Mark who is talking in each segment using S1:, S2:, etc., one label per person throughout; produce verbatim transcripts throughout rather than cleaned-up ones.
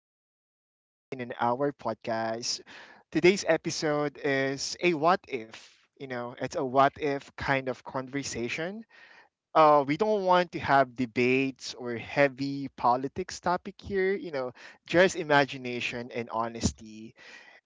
S1: back to Life in an Hour podcast. Today's episode is a what if. You know, it's a what if kind of conversation. Uh, we don't want to have debates or heavy politics topic here. You know, just imagination and honesty.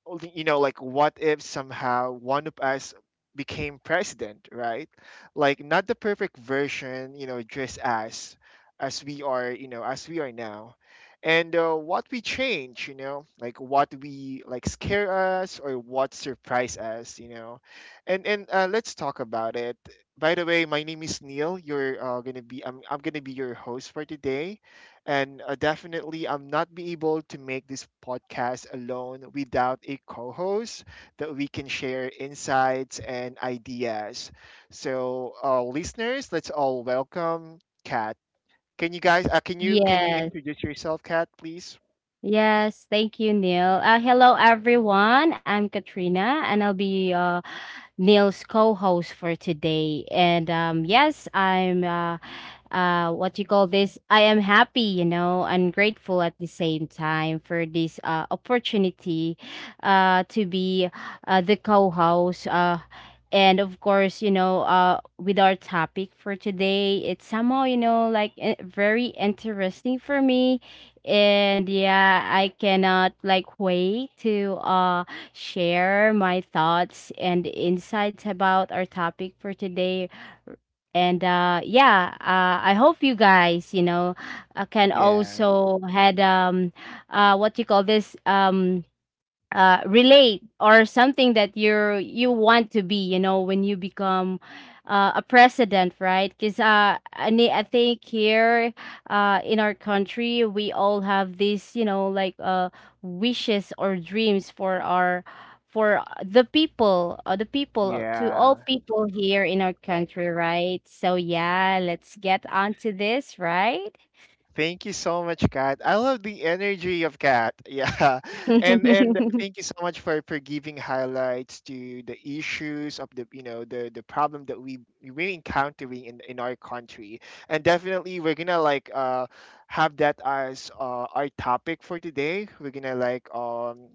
S1: Well, you know like what if somehow one of us became president, right? Like not the perfect version, you know, just as as we are, you know, as we are now. And uh, what we change, you know, like what we like scare us or what surprise us, you know? And and uh, Let's talk about it. By the way, my name is Neil. You're uh, gonna be I'm, I'm gonna be your host for today. And uh, definitely, I'm not be able to make this podcast alone without a co-host that we can share insights and ideas. So, uh, listeners, let's all welcome Kat. Can you guys? Uh, can you can you
S2: Yes.
S1: introduce yourself, Kat, please?
S2: Yes. Thank you, Neil. Uh, hello, everyone. I'm Katrina, and I'll be uh, Neil's co-host for today. And um, Yes, I'm uh, uh, what you call this? I am happy, you know, and grateful at the same time for this uh, opportunity uh, to be uh, the co-host. Uh, and of course, you know, uh, with our topic for today, it's somehow, you know, like eh, very interesting for me. And yeah, I cannot like wait to uh share my thoughts and insights about our topic for today. And uh, yeah, uh, I hope you guys, you know, uh, can
S1: Yeah,
S2: also had um, uh, what you call this um uh, relate or something that you're you want to be you know when you become uh, a president, right? Because uh, I, ne- I think here uh, in our country we all have these you know like uh, wishes or dreams for our for the people uh, the people to all
S1: yeah.
S2: people here in our country, right? So yeah, let's get on to this, right?
S1: Thank you so much, Kat. I love the energy of Kat. Yeah. And and thank you so much for, for giving highlights to the issues of the, you know, the the problem that we we're encountering in, in our country. And definitely we're gonna like uh have that as uh, our topic for today. We're gonna like um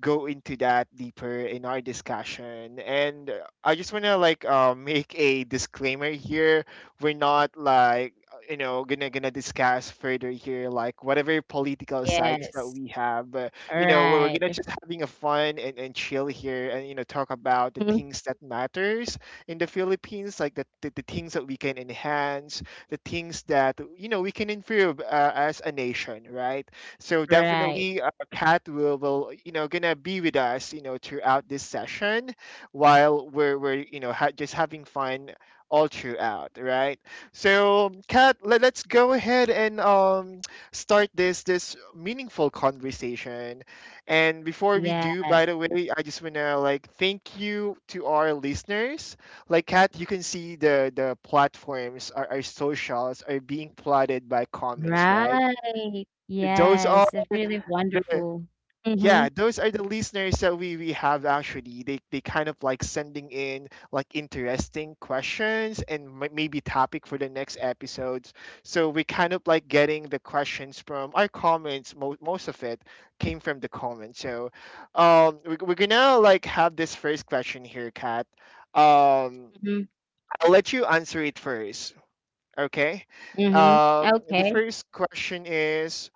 S1: go into that deeper in our discussion. And uh, I just want to like uh, make a disclaimer here. We're not like uh, you know gonna gonna discuss further here like whatever political sides that
S2: Yes.
S1: we have. But, you know, we're we're
S2: Alright.
S1: gonna
S2: Right.
S1: just having a fun and, and chill here and, you know, talk about the
S2: Mhm.
S1: things that matters in the Philippines, like the, the, the things that we can enhance, the things that you know we can improve, uh, as a nation, right? So
S2: Right.
S1: definitely, uh, Kat will, will you know gonna be with us, you know, throughout this session, while we're we're you know ha- just having fun all throughout, right? So Kat, let, let's go ahead and um start this this meaningful conversation. And before we do,
S2: Yes.
S1: by the way, I just wanna like thank you to our listeners. Like Kat, you can see the the platforms, our, our socials are being plotted by comments, right?
S2: Right.
S1: Those are
S2: Yes. It's really wonderful.
S1: Yeah,
S2: Mhm.
S1: those are the listeners that we, we have actually. They they kind of like sending in like interesting questions and may- maybe topic for the next episodes. So we kind of like getting the questions from our comments. Most most of it came from the comments. So, um, we, we're gonna like have this first question here, Kat. Um,
S2: Mhm.
S1: I'll let you answer it first. Okay.
S2: Mhm.
S1: Um, the
S2: Okay.
S1: first question is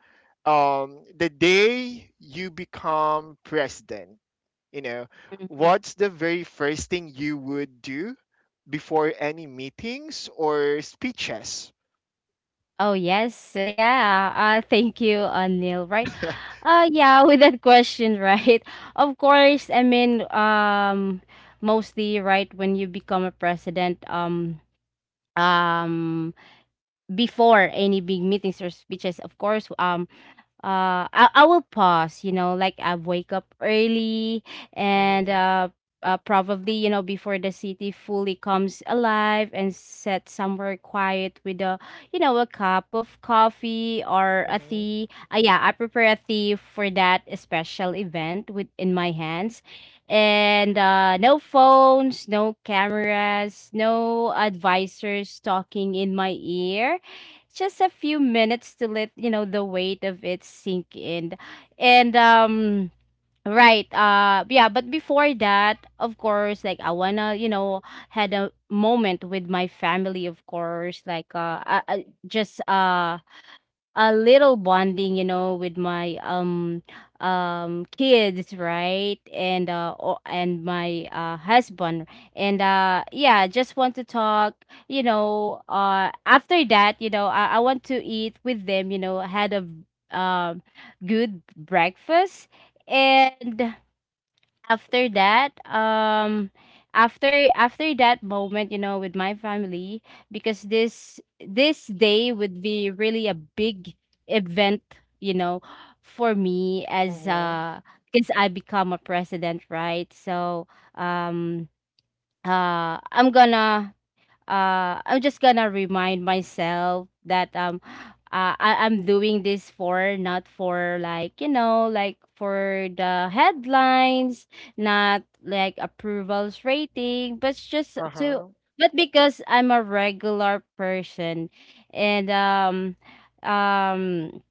S1: um, the day you become president, you know,
S2: Mhm.
S1: what's the very first thing you would do before any meetings or speeches?
S2: Oh, yes. Uh, Yeah. Uh, thank you, uh, Neil. Right. Uh, yeah, with that question, right? Of course, I mean, um, mostly, right, when you become a president, um, um, before any big meetings or speeches, of course, um, uh I, I will pause, you know, like I wake up early and
S1: Mm-hmm,
S2: uh, uh probably, you know, before the city fully comes alive and set somewhere quiet with a you know a cup of coffee or a
S1: mm-hmm,
S2: tea. Uh, yeah, I prepare a tea for that special event with in my hands. And uh no phones, no cameras, no advisors talking in my ear, just a few minutes to let you know the weight of it sink in. And um right uh Yeah, but before that of course like I wanna you know had a moment with my family. Of course like uh I, I just uh a little bonding, you know, with my um um kids, right? And uh o- and my uh husband. And uh yeah, just want to talk, you know, uh after that, you know, I, I want to eat with them, you know, had a um good breakfast. And after that, um after after that moment you know with my family, because this this day would be really a big event, you know, for me as
S1: mm-hmm,
S2: uh because I become a president, right? So um uh i'm gonna uh I'm just gonna remind myself that um uh, I, I'm doing this for not for like you know like for the headlines, not like approvals rating, but it's just to
S1: uh-huh.
S2: but because I'm a regular person. And um um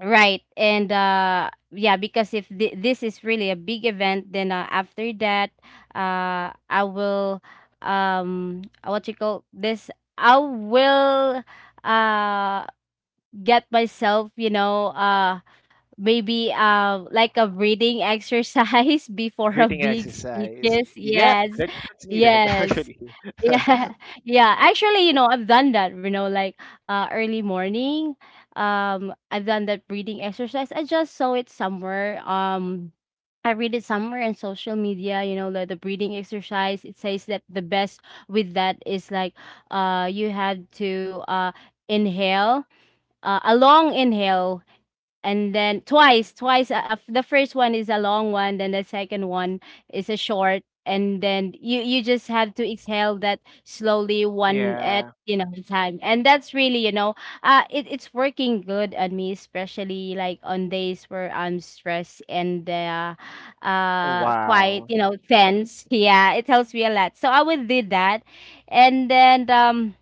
S2: Right. And uh yeah, because if th- this is really a big event, then uh, after that, uh I will um uh, what you call this? I will uh get myself, you know, uh maybe um like a breathing exercise before a
S1: Breathing
S2: big
S1: exercise.
S2: speeches.
S1: Yeah,
S2: Yes.
S1: that's, that's needed
S2: Yes.
S1: actually.
S2: Yeah. Yeah. Actually, you know, I've done that, you know, like uh early morning. Um I've done that breathing exercise. I just saw it somewhere. Um I read it somewhere in social media, you know, that the breathing exercise, it says that the best with that is like uh you have to uh inhale, uh, a long inhale, and then twice twice, uh, uh, the first one is a long one, then the second one is a short, and then you you just have to exhale that slowly one
S1: Yeah.
S2: at you know time. And that's really, you know, uh it, it's working good on me, especially like on days where I'm stressed and uh uh quite
S1: Wow.
S2: you know tense. Yeah, it helps me a lot, so I would do that. And then um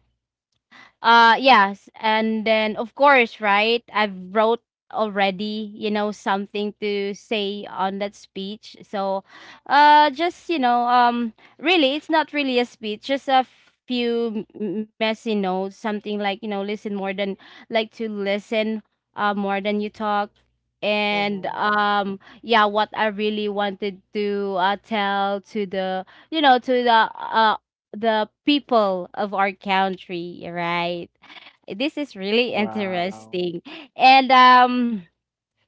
S2: uh yes, and then of course, right? I've wrote already, you know, something to say on that speech. So, uh just, you know, um really it's not really a speech, just a few m- messy notes, something like, you know, listen more than like to listen uh more than you talk. And
S1: Mm-hmm.
S2: um Yeah, what I really wanted to uh, tell to the you know to the uh, the people of our country, right? This is really
S1: Wow.
S2: interesting. And um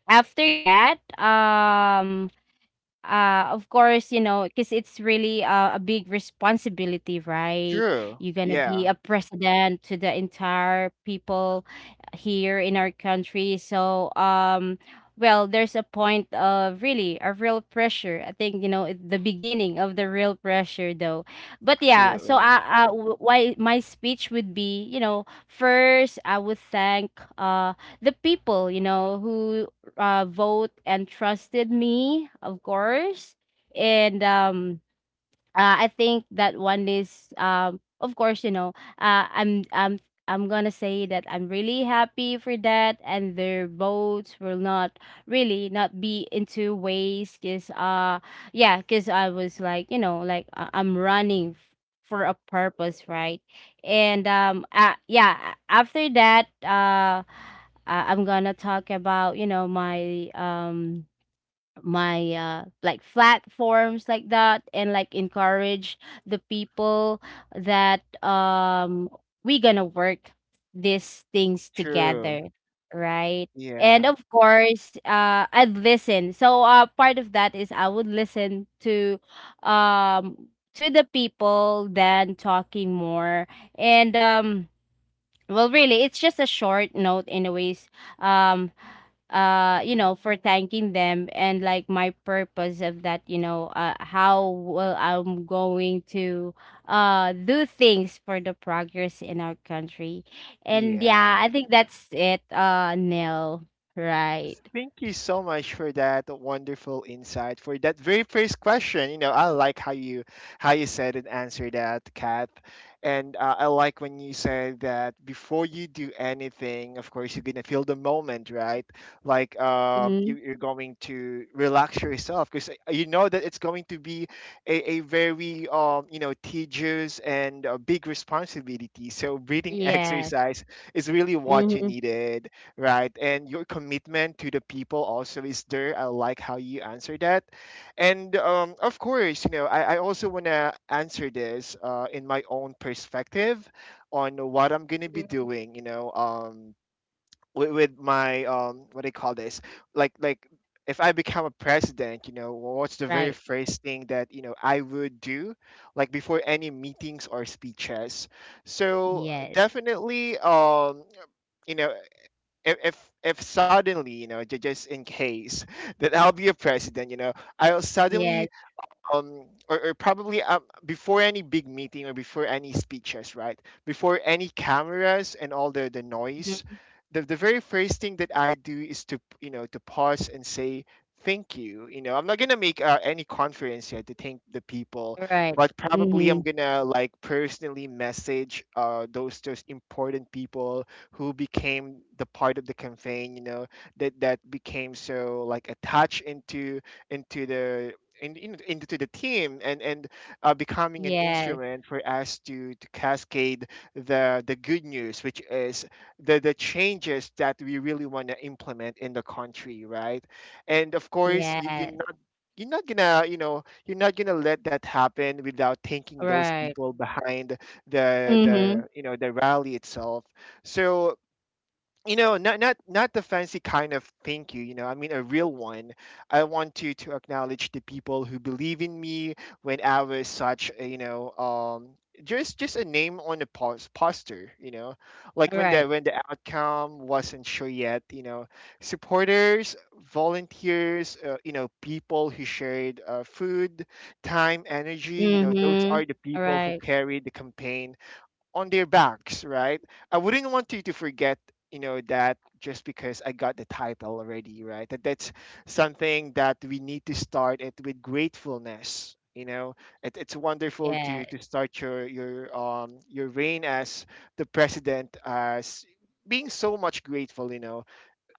S2: After that, um uh of course you know because it's really uh, a big responsibility, right?
S1: True.
S2: You're gonna be
S1: Yeah,
S2: a president to the entire people here in our country. So um well, there's a point of really a real pressure, I think, you know, it- the beginning of the real pressure though. But yeah, so
S1: absolutely.
S2: i, I w- why my speech would be, you know, first I would thank uh the people you know who uh, vote and trusted me, of course. And um, uh, I think that one is um of course you know uh, I'm I'm I'm gonna say that I'm really happy for that and their votes will not really not be into waste, because uh yeah because I was like you know like uh, I'm running f- for a purpose, right? and um uh, Yeah, after that, uh, uh I'm gonna talk about you know my um my uh like platforms like that and like encourage the people that um we gonna work these things
S1: True.
S2: together, right? And
S1: Yeah,
S2: of course uh I'd listen. So uh part of that is I would listen to um to the people than talking more. And um Well, really, it's just a short note, anyways. Um, uh, you know, for thanking them and like my purpose of that, you know, uh, how well I'm going to uh do things for the progress in our country. And
S1: yeah.
S2: yeah, I think that's it. Uh, Nell, right?
S1: Thank you so much for that wonderful insight for that very first question. You know, I like how you how you said and answered that, Kat. And uh, I like when you said that before you do anything, of course, you're gonna feel the moment, right? Like, um,
S2: Mm-hmm.
S1: you, you're going to relax yourself because you know that it's going to be a, a very um, you know, tedious and a big responsibility. So breathing
S2: Yes.
S1: exercise is really what you
S2: Mm-hmm.
S1: needed, right? And your commitment to the people also is there. I like how you answer that. And um, of course, you know, i, I also want to answer this uh, in my own perspective on what I'm going to be doing, you know, um, with, with my um, what do you call this, like like if I become a president, you know, what's the very
S2: Right.
S1: first thing that you know I would do like before any meetings or speeches. So
S2: Yes.
S1: definitely, um you know, if if, if suddenly you know ju- just in case that I'll be a president, you know, I'll
S2: Yes.
S1: suddenly um or, or probably um, before any big meeting or before any speeches, right? Before any cameras and all the the noise,
S2: Mhm.
S1: the, the very first thing that I do is to, you know, to pause and say thank you. You know, I'm not gonna make uh, any conference yet to thank the people,
S2: Right.
S1: but probably
S2: Mm-hmm.
S1: I'm gonna like personally message uh those those important people who became the part of the campaign, you know, that that became so like attached into into the in, in, into the team and and uh, becoming an
S2: Yes.
S1: instrument for us to to cascade the the good news, which is the the changes that we really want to implement in the country, right? And of course, you, you're
S2: Yes.
S1: not you're not gonna, you know, you're not gonna let that happen without thanking those
S2: Right.
S1: people behind the
S2: Mm-hmm.
S1: the you know the rally itself. So, you know, not not not the fancy kind of thank you, you know, I mean a real one. I want to to acknowledge the people who believe in me when I was such a, you know, um just just a name on a pos- poster, you know, like when the
S2: Right.
S1: when the outcome wasn't sure yet, you know, supporters, volunteers, uh, you know, people who shared, uh, food, time, energy, you know, those
S2: Mhm.
S1: are the people who
S2: Right.
S1: carried the campaign on their backs, right? I wouldn't want you to forget, you know, that just because I got the title already, right? That that's something that we need to start it with gratefulness. You know, it, it's wonderful to
S2: Yes.
S1: to start your your um your reign as the president as being so much grateful. You know,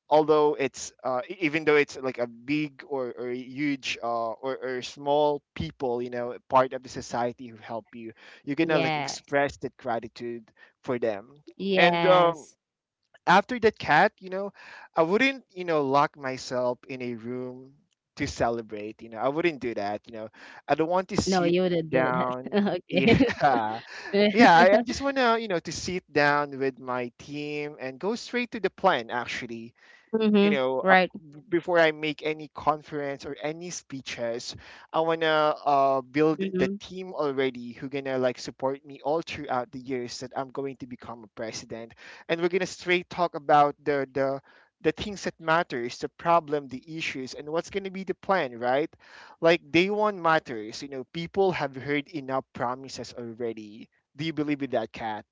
S1: although it's uh, e- even though it's like a big or, or huge uh, or, or small people, you know, part of the society who help you, you're gonna like
S2: Yes.
S1: express that gratitude for them. And um,
S2: Yes.
S1: after that, cat you know, I wouldn't, you know, lock myself in a room to celebrate. You know, I wouldn't do that, you know. I don't want to
S2: No,
S1: sit
S2: you wouldn't do
S1: down
S2: that.
S1: yeah.
S2: Okay.
S1: Yeah, i, I just want to, you know, to sit down with my team and go straight to the plan actually. You
S2: Mhm.
S1: know, uh,
S2: Right.
S1: b- before I make any conference or any speeches, I wanna uh, build the
S2: Mhm.
S1: team already who gonna like support me all throughout the years that I'm going to become a president, and we're gonna straight talk about the the the things that matters, the problem, the issues, and what's gonna be the plan, right? Like day one matters. You know, people have heard enough promises already. Do you believe in that, cat?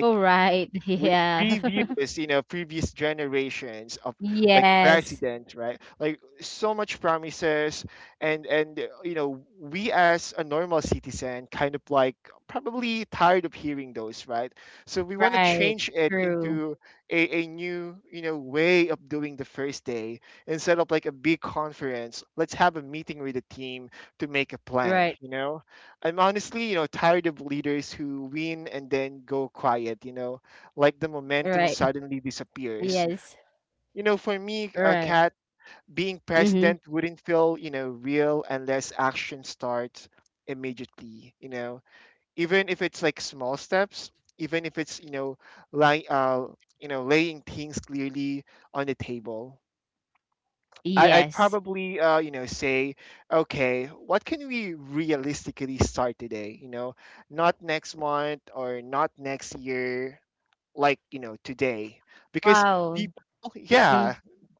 S2: Oh, right.
S1: with
S2: Yeah.
S1: previous, you know, previous generations of like
S2: Yes.
S1: presidents, right? Like so much promises. And and uh, You know, we as a normal citizen kind of like probably tired of hearing those, right? So we want to
S2: Right.
S1: change it
S2: True.
S1: into a, a new, you know, way of doing the first day. Instead of like a big conference, let's have a meeting with the team to make a plan,
S2: Right.
S1: you know. I'm honestly, you know, tired of leaders who win and then go quiet, you know, like the momentum
S2: Right.
S1: suddenly disappears.
S2: Yes.
S1: You know, for me, a
S2: Right.
S1: cat being
S2: Mhm.
S1: president wouldn't feel, you know, real unless action starts immediately, you know. Even if it's like small steps, even if it's, you know, like uh, you know, laying things clearly on the table. I, I'd
S2: Yes.
S1: probably, uh, you know, say, okay, what can we realistically start today? You know, not next month or not next year, like, you know, today because
S2: Wow.
S1: people
S2: Mhm.
S1: yeah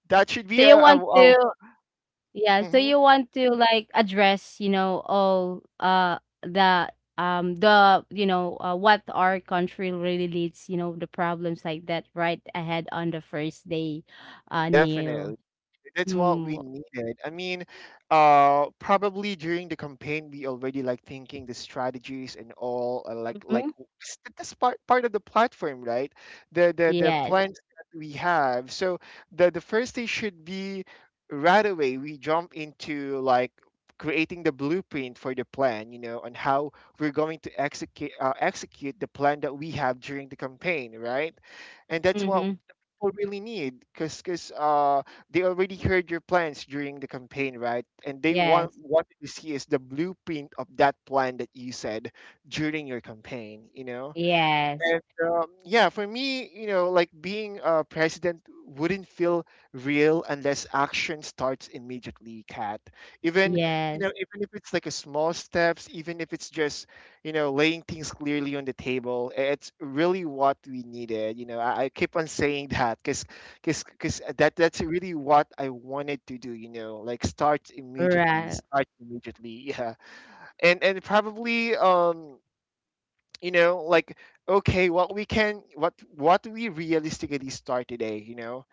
S1: that should
S2: Do
S1: be
S2: you
S1: a, a,
S2: want to?
S1: a-
S2: Yeah, so
S1: mhm,
S2: you want to like address, you know, all uh the um the you know uh, what our country really needs, you know, the problems like that right ahead on the first day, uh
S1: definitely.
S2: Neil.
S1: That's what we
S2: Mm.
S1: needed. I mean, uh, probably during the campaign, we already like thinking the strategies and all, uh, like like
S2: Mm-hmm.
S1: w- s- that's part part of the platform, right? The the the
S2: Yes.
S1: plans that we have. So the the first thing should be right away. We jump into like creating the blueprint for the plan, you know, on how we're going to execute uh, execute the plan that we have during the campaign, right? And that's what
S2: Mm-hmm.
S1: people really need, because because they already heard your plans during the campaign, right? And they want
S2: Yes.
S1: what to see is the blueprint of that plan that you said during your campaign, you know?
S2: Yes.
S1: And um, yeah, for me, you know, like being a president wouldn't feel real unless action starts immediately, Kat. Even, you know,
S2: Yes.
S1: even if it's like a small steps, even if it's just, you know, laying things clearly on the table, i- it's really what we needed. You know, I, I keep on saying that because because because that that's really what I wanted to do, you know, like start immediately,
S2: Right.
S1: start immediately. Yeah. And and probably um you know like okay what we can what what we realistically start today, you know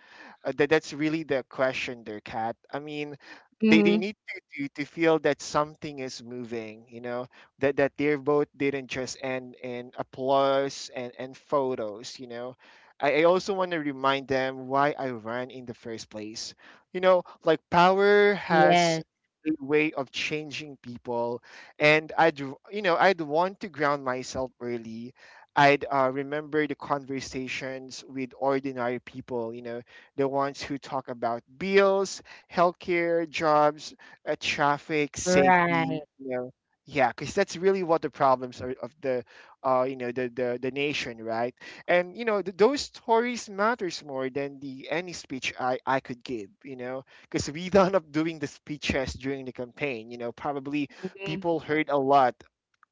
S1: uh, that that's really the question there, Kat. I mean, they,
S2: Mm-hmm.
S1: they need to, to, to feel that something is moving, you know, that, that their vote didn't just end in applause and, and photos, you know. I, I also want to remind them why I ran in the first place. You know, like power
S2: Yes.
S1: has a way of changing people, and I'd r- you know, I'd want to ground myself early. I'd uh, remember the conversations with ordinary people, you know, the ones who talk about bills, healthcare, jobs, uh, traffic,
S2: Right.
S1: safety, you know. Yeah, because that's really what the problems are of the, uh, you know, the, the the nation, right? And you know, th- those stories matters more than the any speech I I could give, you know, because we done up doing the speeches during the campaign. You know, probably
S2: Mm-hmm.
S1: people heard a lot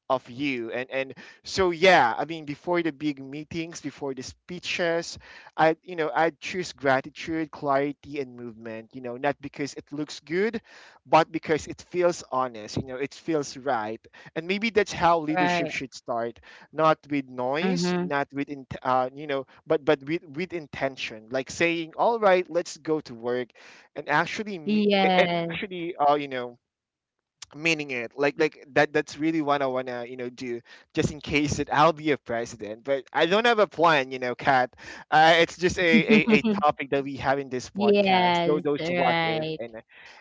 S1: of you and and so, yeah. I mean, before the big meetings, before the speeches, I you know I choose gratitude, clarity, and movement, you know not because it looks good but because it feels honest, you know it feels right. And maybe that's how leadership
S2: Right.
S1: should start, not with noise,
S2: Mm-hmm.
S1: not with in, uh, you know but but with with intention, like saying, all right, let's go to work. And actually me- it, it
S2: Yes.
S1: actually uh, you know meaning it, like like that that's really what I want to you know do, just in case that I'll be a president but I don't have a plan, you know Kat. Uh, it's just a, a a topic that we have in this podcast, tho-
S2: Yes.
S1: those what if,
S2: Right.
S1: and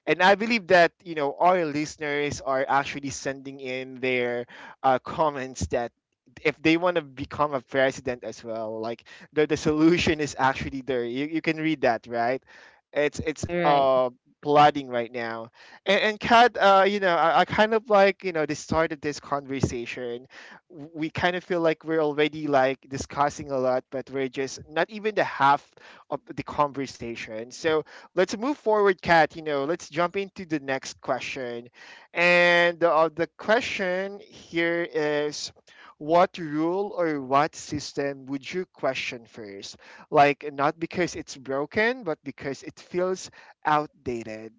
S1: and I believe that you know our listeners are actually sending in their uh, comments that if they want to become a president as well, like the, the solution is actually there. You, you can read that, right? It's it's
S2: Right.
S1: uh plodding right now. And, and Kat, uh, you know, I, I kind of like, you know, the start of this conversation. W- we kind of feel like we're already like discussing a lot, but we're just not even the half of the conversation. So let's move forward, Kat. You know, let's jump into the next question. And the, uh, the question here is, what rule or what system would you question first? Like, not because it's broken, but because it feels outdated.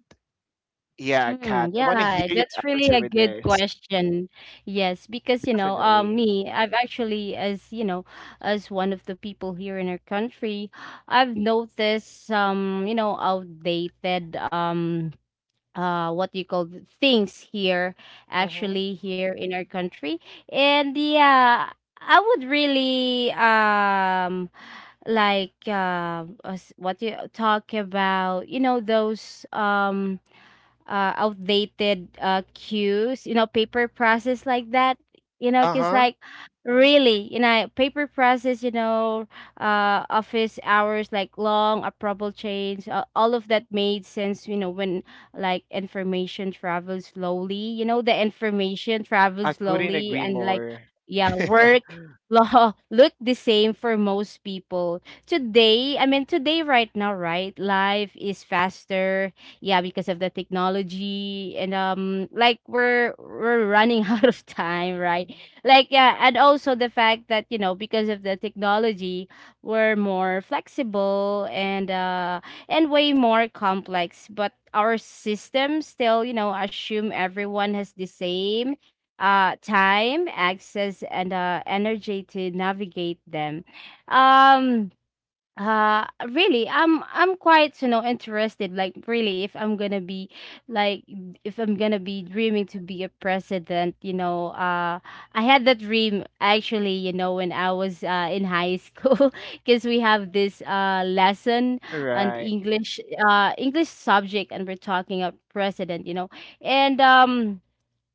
S1: Yeah,
S2: Mm,
S1: Kat. I want to hear
S2: yeah,
S1: your
S2: that's really
S1: answer
S2: a
S1: with
S2: good
S1: this.
S2: question. Yes, because you know, um,
S1: Definitely.
S2: me, I've actually, as you know, as one of the people here in our country, I've noticed some, you know, outdated, um, uh, what do you call th- things here,
S1: Mm-hmm.
S2: actually here in our country, and yeah. I would really um like uh, us- what do you talk about you know those um uh, outdated uh, cues, you know, paper process like that. You know, because
S1: Uh-huh.
S2: like really, you know, paper process, you know, uh, office hours like long, approval chains, uh, all of that made sense, you know, when like information travels slowly, you know, the information
S1: I
S2: travels
S1: couldn't
S2: slowly
S1: agree
S2: and like,
S1: more.
S2: yeah, work law look the same for most people today. I mean today, right now, right? Life is faster, yeah, because of the technology. And um Like we're we're running out of time, right? Like yeah. And also the fact that you know because of the technology we're more flexible and uh and way more complex. But our system still you know assume everyone has the same uh time, access, and uh energy to navigate them. um uh Really, i'm I'm quite you know interested like really if I'm gonna be like if I'm gonna be dreaming to be a president, you know. uh I had that dream actually, you know, when I was uh in high school because we have this uh lesson on
S1: Right.
S2: english uh english subject and we're talking about president, you know. And um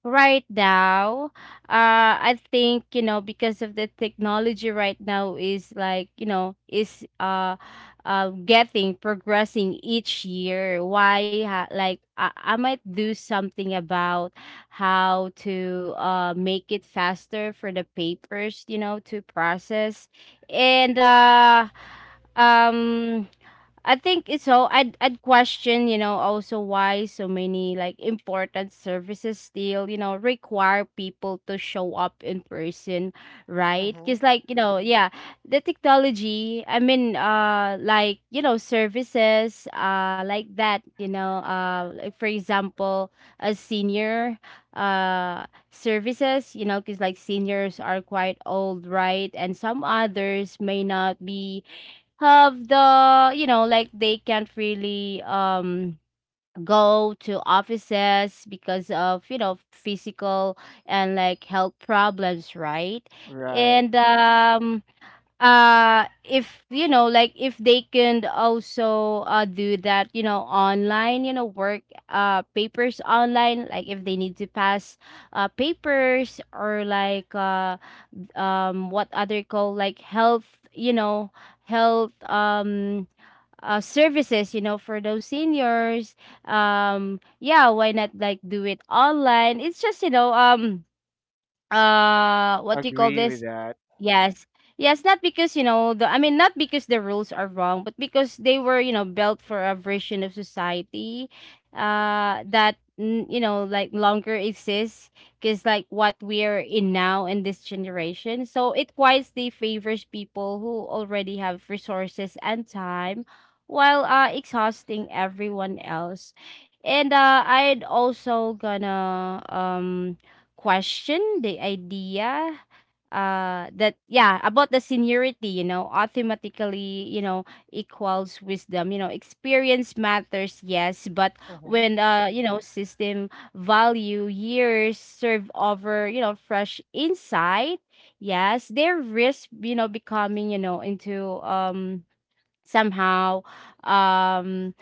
S2: Right now, uh, I think you know because of the technology right now is like you know is uh, uh getting progressing each year. Why ha- like I, I might do something about how to uh make it faster for the papers you know to process. And uh um. I think it's so I'd I'd question, you know, also why so many like important services still, you know, require people to show up in person, right?
S1: Mm-hmm.
S2: Cuz like, you know, yeah, the technology, I mean, uh like, you know, services uh like that, you know, uh like for example, a senior uh services, you know, cuz like seniors are quite old, right? And some others may not be have the you know like they can't really um go to offices because of you know physical and like health problems, right?
S1: Right.
S2: And um uh if you know like if they can also uh do that you know online, you know work uh papers online, like if they need to pass uh papers, or like uh um what other call like health, you know health, um uh, services, you know for those seniors. Um yeah, why not like do it online? It's just, you know um uh what do you call
S1: Agree with
S2: this.
S1: that.
S2: Yes. Yes, not because, you know, the I mean not because the rules are wrong, but because they were, you know, built for a version of society, uh that n- you know, like longer exists, because like what we're in now in this generation. So it wisely favors people who already have resources and time, while uh exhausting everyone else. And uh I'd also gonna um question the idea uh that, yeah, about the seniority, you know automatically, you know equals wisdom. you know experience matters, yes, but
S1: Mm-hmm.
S2: when uh you know system value years serve over, you know fresh insight. Yes, there risk, you know becoming, you know into um somehow um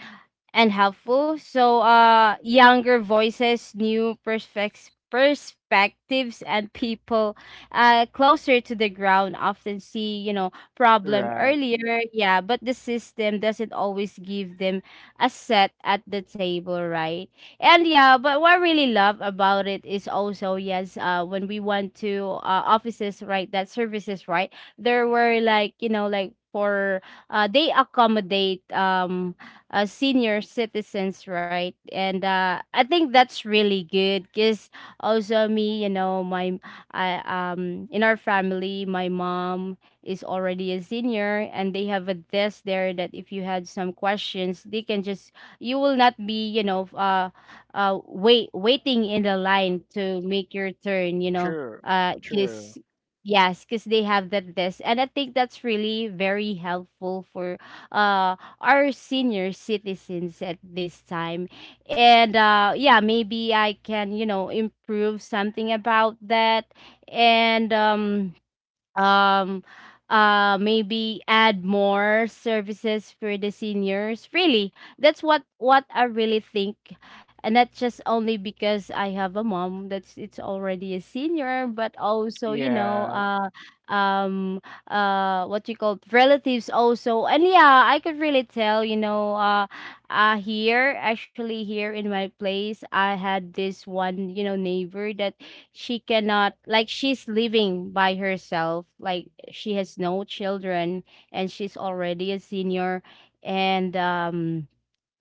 S2: and helpful. So, uh, younger voices, new perspex- perspectives, and people, uh, closer to the ground, often see, you know, problem
S1: Right.
S2: earlier. Yeah, but the system doesn't always give them a set at the table, right? And yeah, but what I really love about it is also, yes, uh, when we went to uh, offices, right, that services, right, there were like, you know, like for, uh, they accommodate um uh, senior citizens, right. And, uh, I think that's really good, because also me, you know my I um in our family, my mom is already a senior, and they have a desk there that if you had some questions they can just. You will not be, you know uh, uh wait waiting in the line to make your turn, you know
S1: True.
S2: uh
S1: True.
S2: because. Yes, because they have that desk, and I think that's really very helpful for uh are senior citizens at this time. And, uh, yeah, maybe I can, you know, improve something about that. And um, um uh maybe add more services for the seniors, really. That's what what I really think. And that's just only because I have a mom that's it's already a senior. But also, you know
S1: Yeah.
S2: uh um uh what you call relatives also. And yeah, I could really tell, you know uh uh here. Actually, here in my place I had this one, you know neighbor that she cannot. Like, she's living by herself, like she has no children, and she's already a senior. And um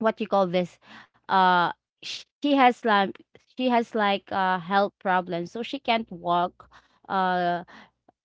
S2: what you call this. uh sh- she has like, she has like uh health problems, so she can't walk, uh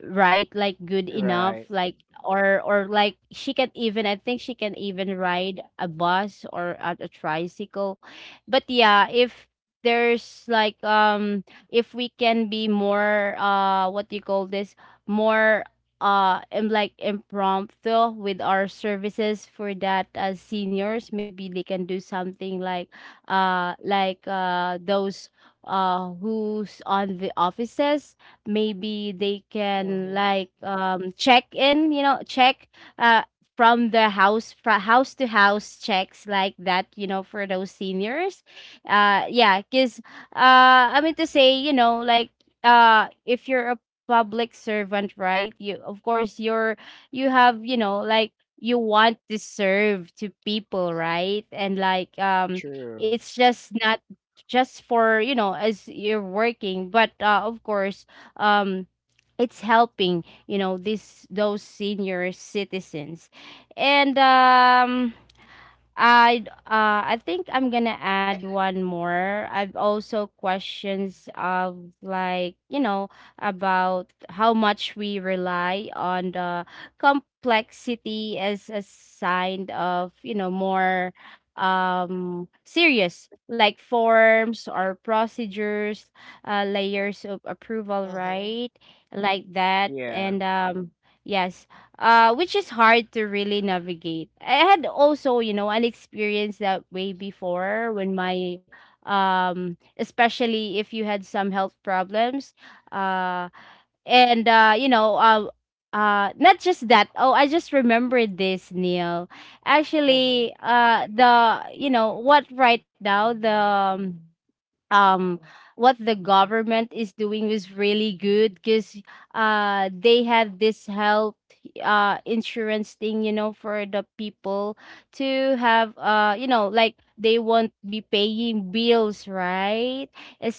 S2: right like, good enough.
S1: Right.
S2: Like, or or like she can even, I think she can even ride a bus or a, a tricycle. But, yeah, if there's like um if we can be more, uh what do you call this, more uh im- like impromptu with our services, for that as seniors. Maybe they can do something like uh like uh those uh who's on the offices. Maybe they can
S1: Mm-hmm.
S2: like um check in, you know check uh from the house from house to house checks like that, you know for those seniors. Uh yeah, because uh I mean to say, you know like uh if you're a public servant, right? You, of course, you're you have, you know, like, you want to serve to people, right? And like, um
S1: True.
S2: it's just not just for, you know, as you're working. But, uh, of course, um it's helping, you know, this, those senior citizens. And um I d- uh I think I'm gonna add one more. I've also questions of like, you know, about how much we rely on the complexity as a sign of, you know, more um serious, like, forms or procedures, uh layers of approval,
S1: Mm-hmm.
S2: right? Like that.
S1: Yeah.
S2: And um yes, uh, which is hard to really navigate. I had also, you know, an experience that way before when my, um, especially if you had some health problems, uh, and uh, you know, uh, uh, not just that. Oh, I just remembered this, Neil.
S1: Mm-hmm.
S2: Actually, uh, the you know what right now the. Um, um what the government is doing was really good, because uh they had this health uh insurance thing, you know for the people to have, uh you know like they won't be paying bills, right?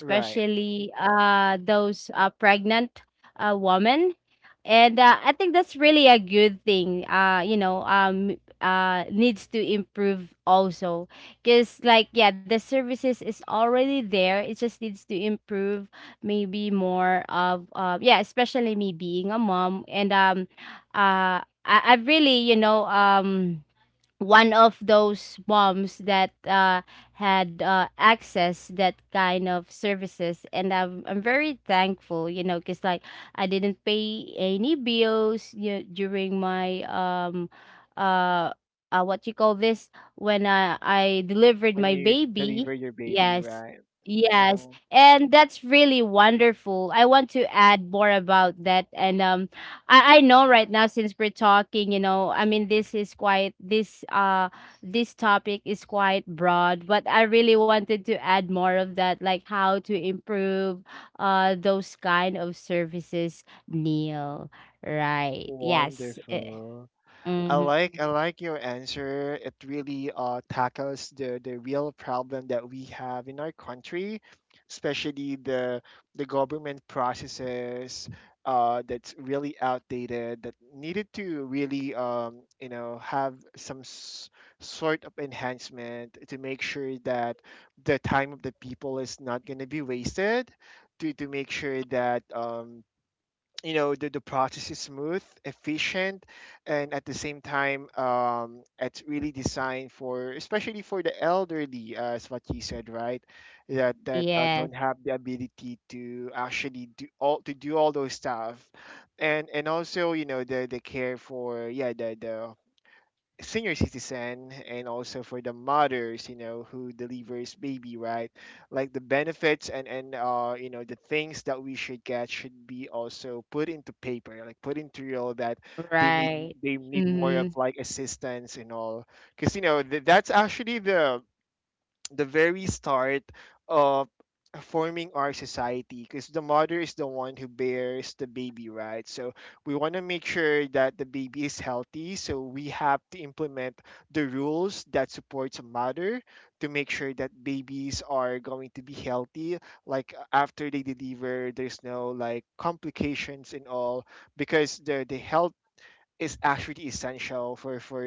S1: Right.
S2: uh those uh pregnant uh women. And, uh, I think that's really a good thing. Uh, you know, um, uh, needs to improve also, because like, yeah, the services is already there. It just needs to improve, maybe more of, uh, yeah, especially me being a mom. And um uh I, i've really, you know um one of those moms that uh, had uh, access that kind of services. And I'm, I'm very thankful, you know because, like, I didn't pay any bills, you know, during my um uh, uh what you call this, when i i delivered
S1: When
S2: my
S1: you
S2: baby.
S1: deliver your baby,
S2: Yes.
S1: right?
S2: Yes,
S1: Mm-hmm.
S2: and that's really wonderful. I want to add more about that. And um I, I know, right now, since we're talking, you know, I mean, this is quite this uh this topic is quite broad, but I really wanted to add more of that, like how to improve uh those kind of services, Neil. Right. Yes. eh,
S1: Wonderful. I
S2: Mm-hmm.
S1: like I like your answer. It really uh, tackles the the real problem that we have in our country, especially the the government processes uh, that's really outdated, that needed to really um, you know have some s- sort of enhancement to make sure that the time of the people is not going to be wasted. To, to make sure that um, you know the, the process is smooth, efficient, and at the same time um, it's really designed for, especially for the elderly, uh, as what you said, right, that that uh,
S2: Yes.
S1: don't have the ability to actually do all to do all those stuff, and and also you know the the care for, yeah, the the senior citizen, and also for the mothers, you know who delivers baby, right? Like the benefits and and uh you know the things that we should get should be also put into paper, like put into real, that they
S2: Right.
S1: need they need
S2: Mm-hmm.
S1: more of like assistance and all, because you know th- that's actually the the very start of forming our society, because the mother is the one who bears the baby, right? So we want to make sure that the baby is healthy, so we have to implement the rules that supports a mother, to make sure that babies are going to be healthy, like after they deliver, there's no like complications and all. Because the the health is actually essential for for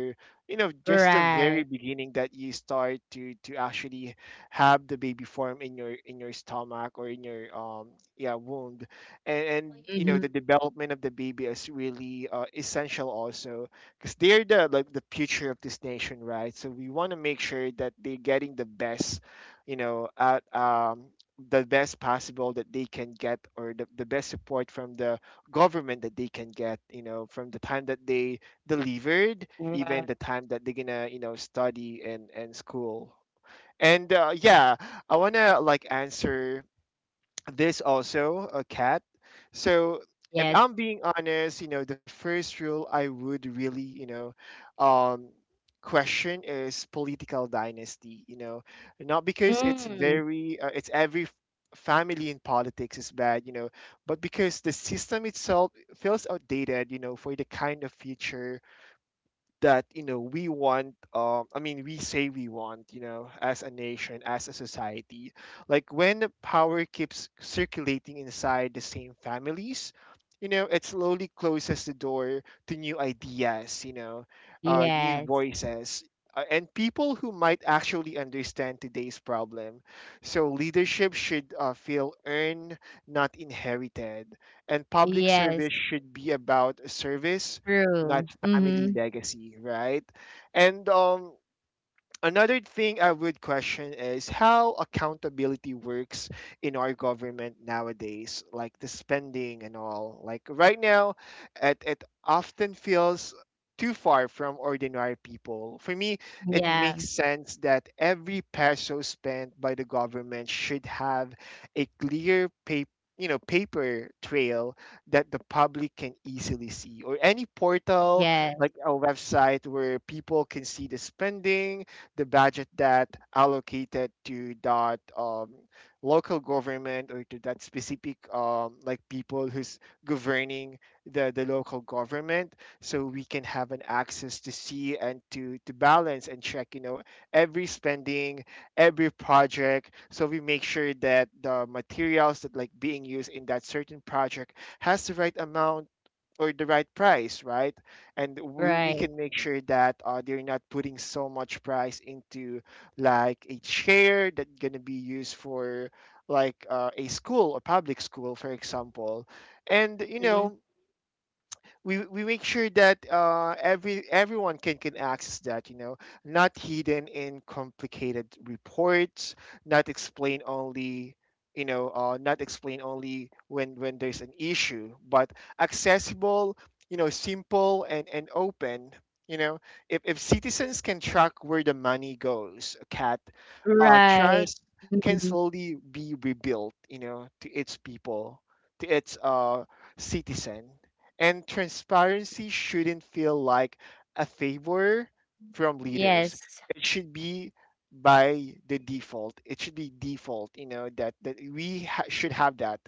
S1: you know just the
S2: Right.
S1: very beginning that you start to to actually have the baby form in your in your stomach or in your um yeah, womb, and and you know
S2: Mm-hmm.
S1: the development of the baby is really uh, essential also, because they're the like the future of this nation, right? So we want to make sure that they're getting the best you know at um the best possible that they can get, or the, the best support from the government that they can get, you know from the time that they delivered,
S2: Right.
S1: even the time that they're gonna you know study and and school. And uh, yeah, I want to like answer this also, a cat so if
S2: Yes.
S1: I'm being honest, you know the first rule I would really you know um question is political dynasty, you know not because it's
S2: Mm.
S1: very uh, it's every f- family in politics is bad, you know but because the system itself feels outdated, you know for the kind of future that you know we want. um I mean, we say we want, you know as a nation, as a society, like when the power keeps circulating inside the same families, you know it slowly closes the door to new ideas, you know uh, new
S2: Yes.
S1: voices, uh, and people who might actually understand today's problem. So leadership should uh, feel earned, not inherited, and public
S2: Yes.
S1: service should be about service, not
S2: True.
S1: family
S2: Mm-hmm.
S1: legacy, right? And um, another thing I would question is how accountability works in our government nowadays, like the spending and all. Like right now, it, it often feels too far from ordinary people. For me, it
S2: Yeah.
S1: makes sense that every peso spent by the government should have a clear paper. You know, paper trail that the public can easily see, or any portal,
S2: Yes.
S1: like a website where people can see the spending, the budget that allocated to that um, local government, or to that specific um, like people who's governing the, the local government, so we can have an access to see and to to balance and check, you know every spending, every project, so we make sure that the materials that like being used in that certain project has the right amount or the right price, right? And we, we
S2: Right.
S1: can make sure that uh, they're not putting so much price into like a chair that's gonna be used for like uh, a school or public school, for example. And you
S2: Mhm.
S1: know, we we make sure that uh, every everyone can can access that. You know, not hidden in complicated reports, not explain only. You know, uh, not explain only when when there's an issue, but accessible. You know, simple and and open. You know, if if citizens can track where the money goes, cat, uh,
S2: Right.
S1: trust can
S2: Mhm.
S1: slowly be rebuilt. You know, to its people, to its uh citizen. And transparency shouldn't feel like a favor from leaders.
S2: Yes.
S1: It should be by the default. It should be default, you know, that, that we ha- should have that,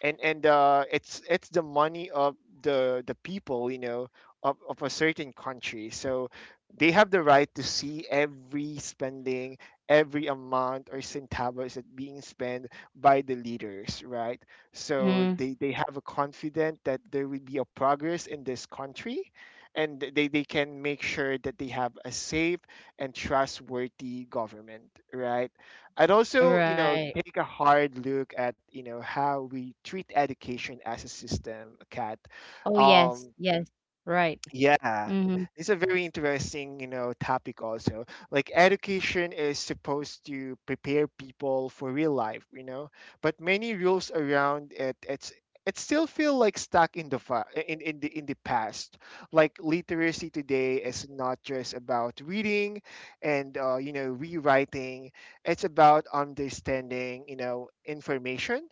S1: and and uh, it's it's the money of the the people, you know of, of a certain country, so they have the right to see every spending, every amount or centavos that being spent by the leaders, right? So
S2: Mhm.
S1: they they have a confidence that there will be a progress in this country, and th- they, they can make sure that they have a safe and trustworthy government, right? I'd also, you know,
S2: Right.
S1: take a hard look at, you know, how we treat education as a system, Kat.
S2: Oh, yes.
S1: Um,
S2: Yes. Right.
S1: yeah,
S2: Mhm.
S1: it's a very interesting, you know, topic also. Like education is supposed to prepare people for real life, you know, but many rules around it, it's it still feel like stuck in the fa- in in the in the past. Like literacy today is not just about reading and uh, you know rewriting. It's about understanding, you know, information,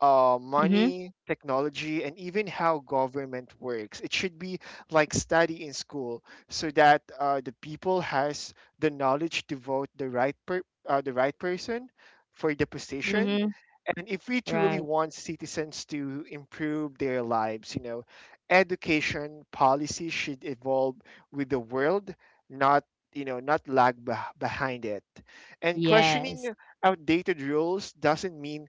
S1: uh,
S2: Mhm.
S1: money, technology, and even how government works. It should be like study in school, so that uh, the people has the knowledge to vote the right per- uh, the right person for the position.
S2: Mhm.
S1: And if we truly
S2: Right.
S1: want citizens to improve their lives, you know, education policy should evolve with the world, not you know, not lag beh behind it. And
S2: Yes.
S1: questioning outdated rules doesn't mean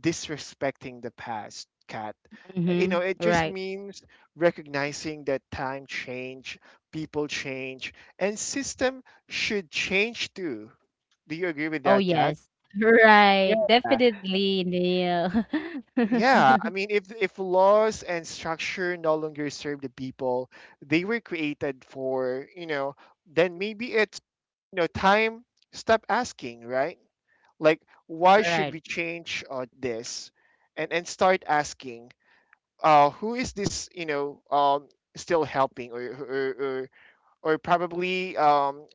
S1: disrespecting the past, Kat. Uh, You know,
S2: Mhm.
S1: it just
S2: Right.
S1: means recognizing that time change, people change, and system should change too. Do you agree with
S2: Oh,
S1: that, Kat?
S2: yes. Right.
S1: Yeah,
S2: Definitely, Neil.
S1: yeah. I mean, if if laws and structure no longer serve the people they were created for, you know, then maybe it's you know time stop asking, right? Like, why should
S2: Right.
S1: we change uh, this, and and start asking, uh, who is this you know um, still helping or or, or, or probably um,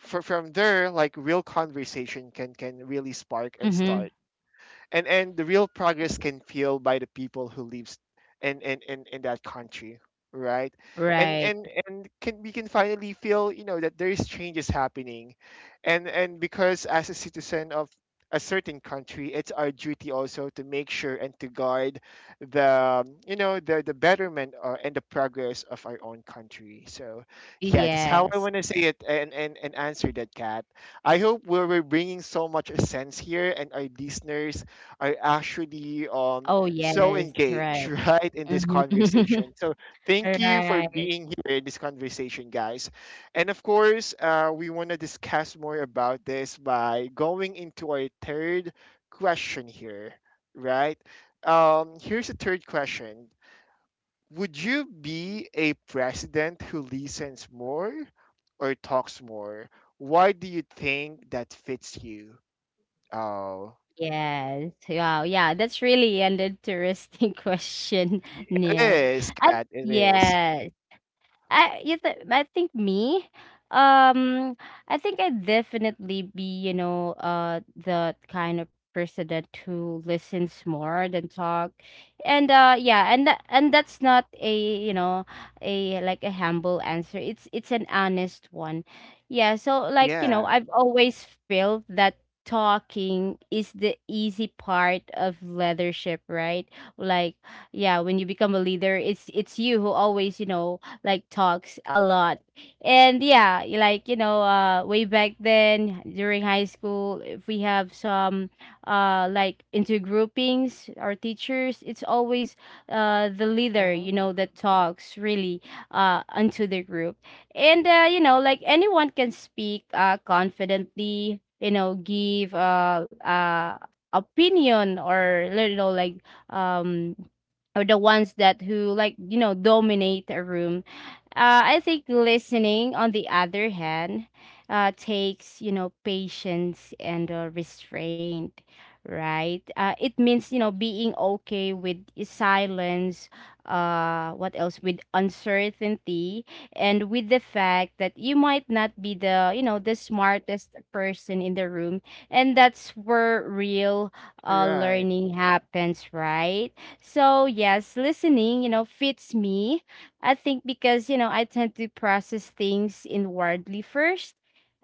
S1: fr- from there like real conversation can can really spark and
S2: Mhm.
S1: start, and and the real progress can feel by the people who lives in in in, in that country, right, and
S2: Right.
S1: and and can we can finally feel, you know, that there is changes happening. And and because as a citizen of a certain country, it's our duty also to make sure and to guard the, you know, the the betterment uh, and the progress of our own country. So yeah, that's how I
S2: Yes.
S1: want to say it and, and and answer that, cat I hope we're, we're bringing so much sense here, and our listeners are actually um
S2: Oh,
S1: so
S2: yes.
S1: engaged
S2: Right.
S1: right in this
S2: Mhm.
S1: conversation. So thank you for
S2: Right.
S1: being here in this conversation, guys. And of course, uh, we want to discuss more about this by going into our third question here, right? Um, here's the third question. Would you be a president who listens more or talks more? Why do you think that fits you? Oh,
S2: Yes. Wow. Yeah, that's really an interesting question,
S1: Y- it
S2: Neil.
S1: is,
S2: And
S1: Kat. It is.
S2: yeah, I you th- I think me, um I think I'd definitely be, you know uh the kind of person that who listens more than talk. And uh yeah, and tha- and that's not a, you know a like a humble answer. It's it's an honest one. Yeah, so like, you
S1: Yeah.
S2: know I've always felt that talking is the easy part of leadership, right? Like, yeah, when you become a leader, it's it's you who always, you know like, talks a lot. And yeah, y- like, you know uh way back then during high school, if we have some uh like into groupings or teachers, it's always uh the leader,
S1: Hmm.
S2: you know that talks really uh unto the group. And uh you know like anyone can speak uh confidently, you know give uh uh opinion, or, you know like, um or the ones that who, like, you know dominate a room. uh, I think listening, on the other hand, uh, takes, you know patience and, uh, restraint, right? Uh, it means, you know being okay with silence. Uh, what else, with uncertainty, and with the fact that you might not be the, you know the smartest person in the room, and that's where real uh,
S1: Right.
S2: learning happens, right? So yes, listening, you know fits me, I think, because, you know I tend to process things inwardly first.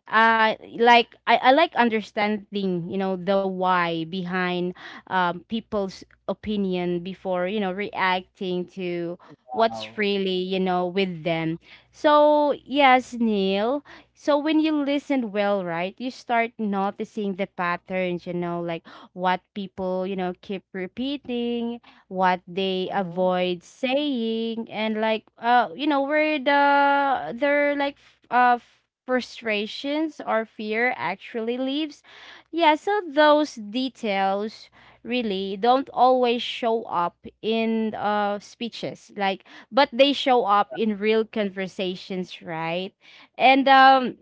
S2: Uh, like, I, I like understanding, you know the why behind um, people's opinion, before, you know reacting to
S1: Wow.
S2: what's really, you know with them. So yes, Neil. So when you listen well, right, you start noticing the patterns. You know, like, what people, you know keep repeating, what they
S1: Hmm.
S2: avoid saying, and, like, uh you know where the their like f- uh frustrations or fear actually lives. Yeah, so those details really don't always show up in uh speeches, like, but they show up in real conversations, right? And um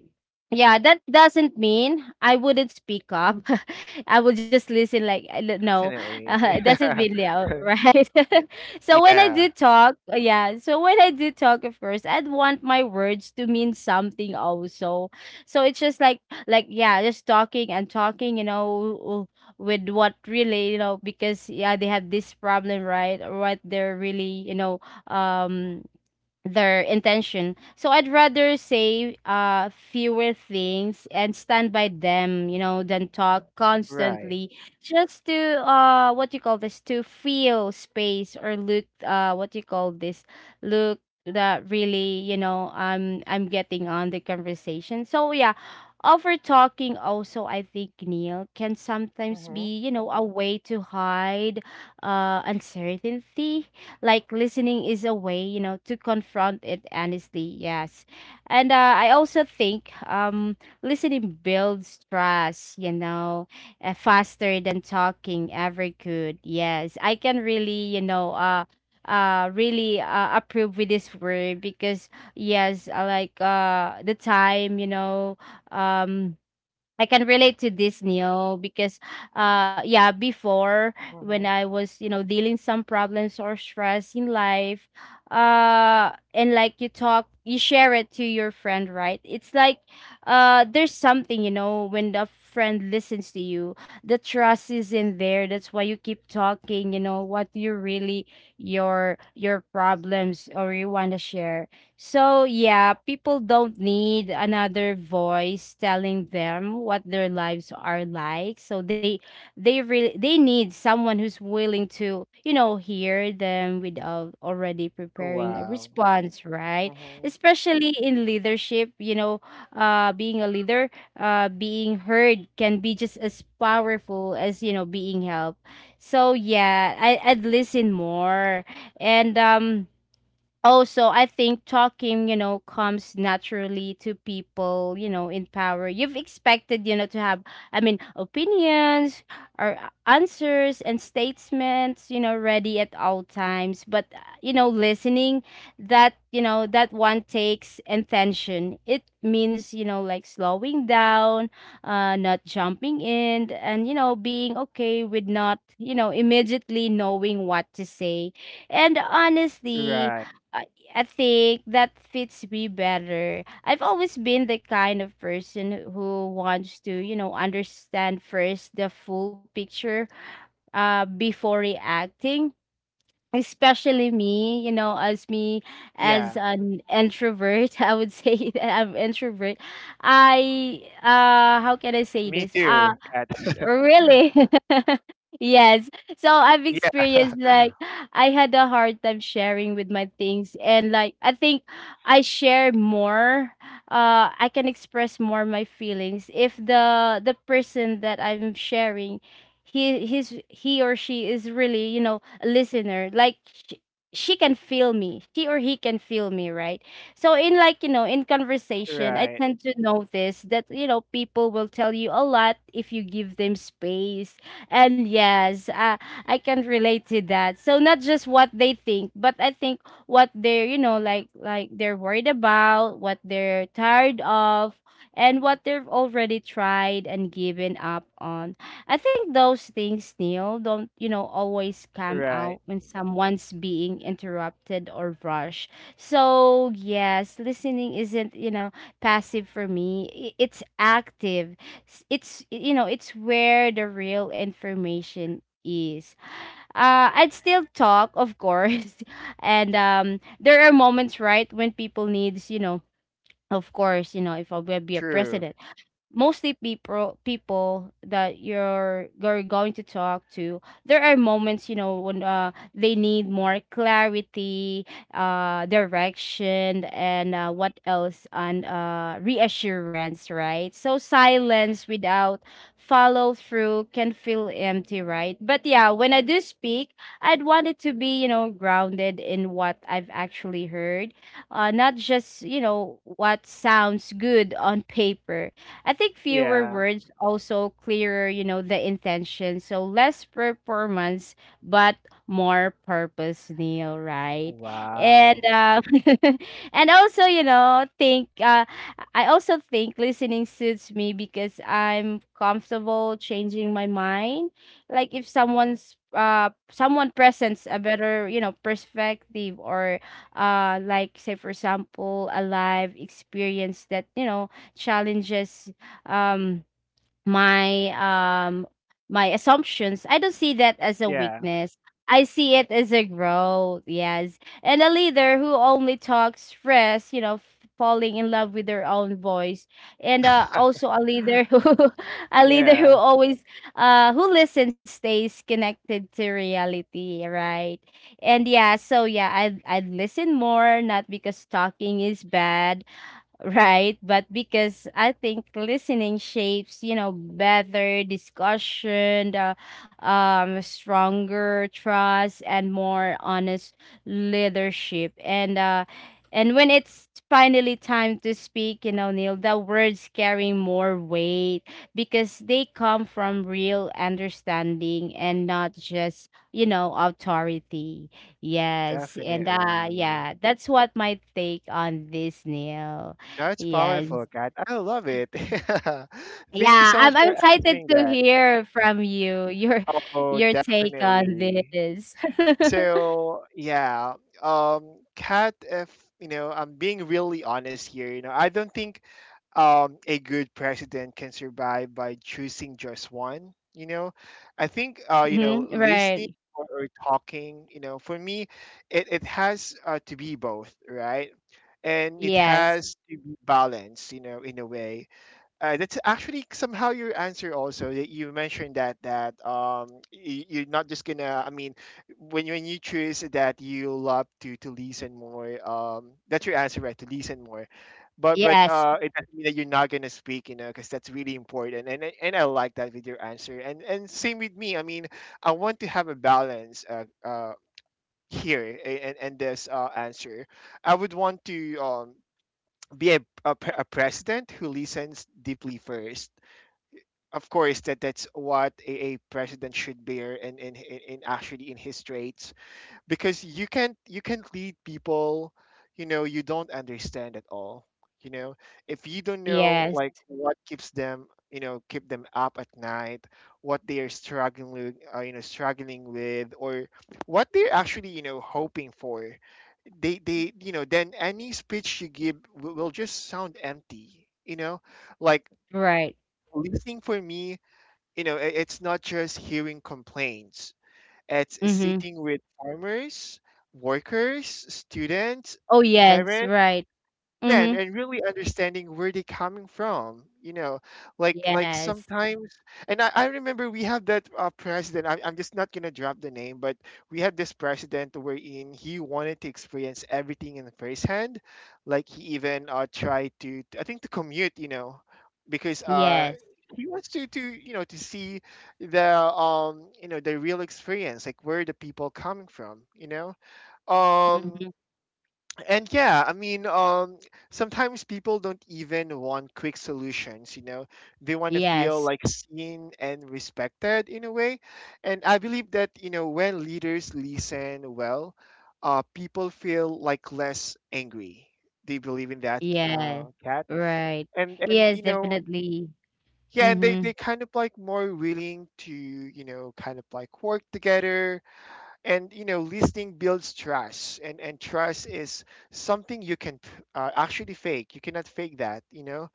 S2: yeah, that doesn't mean I wouldn't speak up. I would just listen, like, I don't know,
S1: Definitely.
S2: uh, it doesn't really out, right? so when I
S1: Yeah.
S2: did talk, uh, yeah. So when I did talk, at first I'd want my words to mean something also. So it's just like, like yeah, just talking and talking, you know, with what really, you know, because, yeah, they have this problem, right? Or what they're really, you know, um their intention. So I'd rather say uh fewer things and stand by them, you know, than talk
S1: Right.
S2: constantly just to, uh what you call this, to feel space, or look, uh what you call this, look, that really, you know, I'm I'm getting on the conversation. So yeah, over talking also, I think, Neil, can sometimes
S1: Hmm.
S2: be, you know, a way to hide uh uncertainty. Like, listening is a way, you know, to confront it honestly. Yes. And, uh, I also think um listening builds trust, you know, uh, faster than talking ever could. Yes, I can really, you know uh uh really, uh, approve with this word, because yes. uh, like, uh the time, you know, um I can relate to this, Neil, because uh yeah, before when
S1: Hmm.
S2: I was, you know, dealing some problems or stress in life, uh and like you talk, you share it to your friend, right? It's like uh there's something, you know, when the friend listens to you, the trust is in there. That's why you keep talking, you know, what you really your your problems or you wanna share. So, yeah, people don't need another voice telling them what their lives are like. So they they really they need someone who's willing to, you know, hear them without already preparing a
S1: Wow.
S2: response, right?
S1: Hmm.
S2: Especially in leadership, you know, uh being a leader, uh being heard can be just as powerful as, you know, being helped. So, yeah, I I'd listen more. And um also I think talking, you know, comes naturally to people, you know, in power. You've expected, you know, to have, I mean, opinions, or answers and statements, you know, ready at all times. But uh, you know, listening, that, you know, that one takes attention. It means, you know, like slowing down, uh not jumping in, and you know, being okay with not, you know, immediately knowing what to say. And
S1: Right.
S2: honestly, I I think that fits me better. I've always been the kind of person who wants to, you know, understand first the full picture, uh, before reacting, especially me, you know, as
S1: Yeah.
S2: me, as an introvert. I would say that I'm introvert. I, uh
S1: Me
S2: how can I
S1: too,
S2: say
S1: Kat.
S2: this? Uh y- really? Yes. So
S1: Yeah.
S2: I've experienced like, I had a hard time sharing with my things, and like I think I share more. uh I can express more my feelings if the the person that I'm sharing, he his he or she is really, you know, listener. Like sh- she can feel me, she or he can feel me, right? So in, like, you know, in conversation,
S1: Right.
S2: I tend to notice that, you know, people will tell you a lot if you give them space. And yes, uh, I can relate to that. So not just what they think, but I think what they're, you know, like like they're worried about, what they're tired of, and what they've already tried and given up on. I think those things, Neil, don't, you know, always come
S1: Right.
S2: out when someone's being interrupted or rushed. So, yes, listening isn't, you know, passive for me. I- It's active. S- It's, you know, it's where the real information is. Uh, I'd still talk, of course. And um, there are moments, right, when people needs, you know, of course, you know, if I will be a
S1: True.
S2: president, mostly people, people that you're you're going to talk to, there are moments, you know, when uh, they need more clarity, uh direction, and uh, what else, and uh reassurance, right? So silence without follow through can feel empty, right? But yeah, when I do speak, I'd want it to be, you know, grounded in what I've actually heard, uh not just, you know, what sounds good on paper. I think fewer
S1: Yeah.
S2: words also clearer, you know, the intention. So less performance, but more purpose, Neil, right? And
S1: Wow.
S2: uh, and also, you know, think uh, I also think listening suits me because I'm comfortable changing my mind. Like if someone's uh someone presents a better, you know, perspective, or uh like say for example, a live experience that, you know, challenges um my um my assumptions, I don't see that as a
S1: Yeah.
S2: weakness. I see it as a growth. Yes. And a leader who only talks, fresh, you know, f- falling in love with their own voice, and uh, also a leader who a leader who
S1: Yeah,
S2: always uh who listens stays connected to reality, right? And yeah, so yeah, i i listen more, not because talking is bad, right? But because I think listening shapes, you know, better discussion, the, um, stronger trust, and more honest leadership. And uh, and when it's finally time to speak, you know, Neil, the words carry more weight because they come from real understanding, and not just, you know, authority. Yes. And uh
S1: definitely.
S2: yeah, that's what my take on this, Neil.
S1: That's powerful,
S2: Yes.
S1: Kat. I love it. Thank you
S2: Yeah,
S1: so much
S2: I'm I'm
S1: for
S2: excited
S1: answering
S2: to
S1: that.
S2: hear from you, your
S1: Oh,
S2: your take on
S1: definitely.
S2: this.
S1: So yeah, um, Kat, if you know, I'm being really honest here. You know, I don't think um a good president can survive by choosing just one. You know, I think uh
S2: Mhm.
S1: you know
S2: Right.
S1: listening or, or talking. You know, for me, it it has uh, to be both, right? And it
S2: Yes.
S1: has to be balanced. You know, in a way uh, that's actually somehow your answer also, that you mentioned that that um you, you're not just gonna, I mean, when you- when you choose that you love to to listen more, um that's your answer, right? To listen more, but but
S2: Yes.
S1: uh it doesn't mean that you're not gonna speak, you know, because that's really important. And I- and I like that with your answer, and and same with me. I mean, I want to have a balance uh, uh here, a- and and this uh answer, I would want to um be a, a, pre- a president who listens deeply first. Of course, that that's what a, a president should bear in, in in in actually in his traits, because you can't, you can't lead people, you know, you don't understand at all, you know. If you don't know
S2: Yes.
S1: like what keeps them, you know, keep them up at night, what they are struggling with, uh, you know, struggling with, or what they're actually, you know, hoping for, they they you know, then any speech you give will, will just sound empty, you know, like.
S2: Right.
S1: Listening, for me, you know, i- it's not just hearing complaints. It's
S2: Mhm.
S1: sitting with farmers, workers, students,
S2: Oh, yes.
S1: parents,
S2: Right.
S1: yeah, and,
S2: Mhm.
S1: and really understanding where they coming from, you know, like like
S2: Yes.
S1: sometimes, and I, I remember we have that uh, president. I'm, I'm just not gonna drop the name, but we had this president wherein he wanted to experience everything in firsthand. Like, he even uh tried to, I think, to commute, you know, because uh
S2: Yes.
S1: he wants to to you know, to see the um, you know, the real experience, like where the people coming from, you know. Um
S2: Mhm.
S1: and yeah, I mean, um, sometimes people don't even want quick solutions, you know. They want to feel
S2: Yes.
S1: like seen and respected in a way. And I believe that, you know, when leaders listen well, uh, people feel like less angry. They believe in that,
S2: Yes.
S1: uh, cat.
S2: Right.
S1: And and
S2: Yes,
S1: you know,
S2: definitely.
S1: yeah, and they they
S2: Mhm.
S1: kind of like more willing to, you know, kind of like work together. And you know, listening builds trust, and and trust is something you can uh, actually fake. You cannot fake that, you know.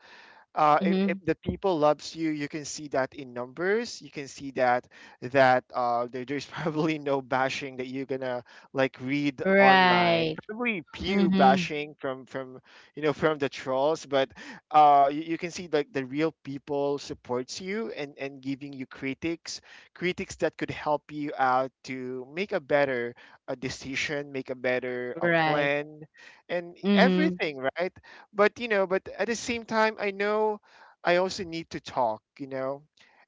S1: uh, if, if
S2: Mhm.
S1: the people loves you, you can see that in numbers. You can see that that uh, there, there's probably no bashing that you're gonna like read online,
S2: Right.
S1: probably pew
S2: Mhm.
S1: bashing from from you know, from the trolls. But uh, you, you can see like the real people supports you, and and giving you critics, critics that could help you out to make a better a decision, make a better a
S2: Right.
S1: plan, and
S2: Mhm.
S1: everything, right? But you know, but at the same time, I know I also need to talk, you know.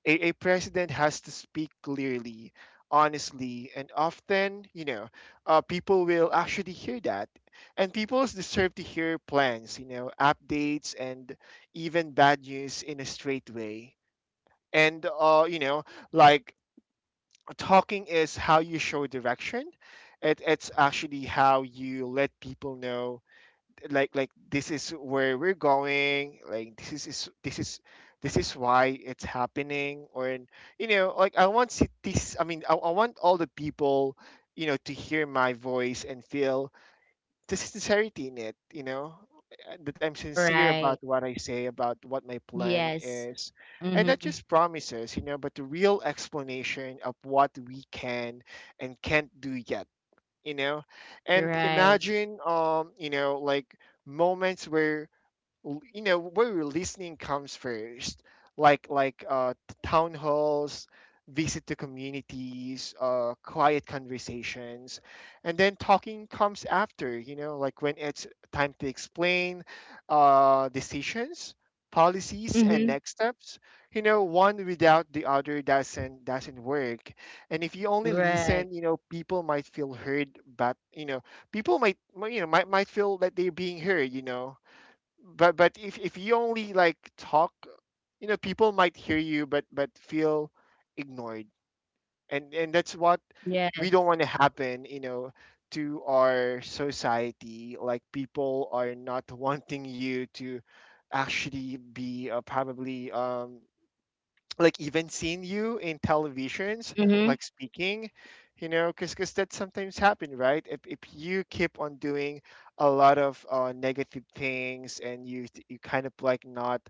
S1: A, a president has to speak clearly, honestly, and often, you know. Uh, people will actually hear that, and people deserve to hear plans, you know, updates, and even bad news in a straight way. And uh, you know, like, talking is how you show direction. It, it's actually how you let people know, like like this is where we're going, like this is is- this is this is why it's happening. Or in, you know, like I want ci- this I mean, I, I want all the people, you know, to hear my voice and feel the sincerity in it, you know, uh, that I'm sincere about
S2: Right.
S1: what I say, about what my plan
S2: Yes.
S1: is, and not
S2: Mhm.
S1: just promises, you know, but the real explanation of what we can and can't do yet, you know. And
S2: Right.
S1: imagine um you know, like, moments where l- you know, where your listening comes first, like like uh t- town halls, visit to communities, uh quiet conversations. And then talking comes after, you know, like when it's time to explain uh decisions, policies, and
S2: Mhm.
S1: next steps, you know. One without the other doesn't doesn't work. And if you only
S2: Right.
S1: listen, you know, people might feel heard, but you know, people might might, you know, might, might feel that they're being heard, you know, but but if if you only like talk, you know, people might hear you, but but feel ignored. And and that's what
S2: Yes.
S1: we don't want to happen, you know, to our society. Like, people are not wanting you to actually be uh, probably um like even seen you in televisions
S2: Mhm.
S1: like speaking, you know. Because, cause that sometimes happen, right? if, if you keep on doing a lot of uh, negative things, and you you kind of like not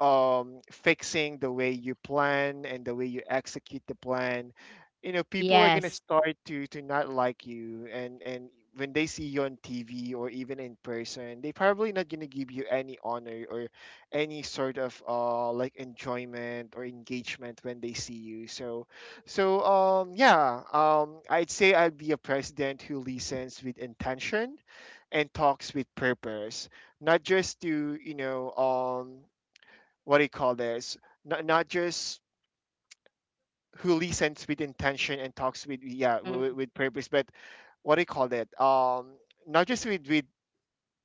S1: um, fixing the way you plan and the way you execute the plan, you know, people are gonna
S2: Yes.
S1: start to to not like you. And and when they see you on T V or even in person, they probably not gonna give you any honor or any sort of uh like enjoyment or engagement when they see you. So, so um yeah, um I'd say I'd be a president who listens with intention and talks with purpose, not just to, you know, um, what do you call this? Not, not just who listens with intention and talks with, yeah,
S2: Mhm.
S1: with, with purpose, but what do you call that? Um, not just with with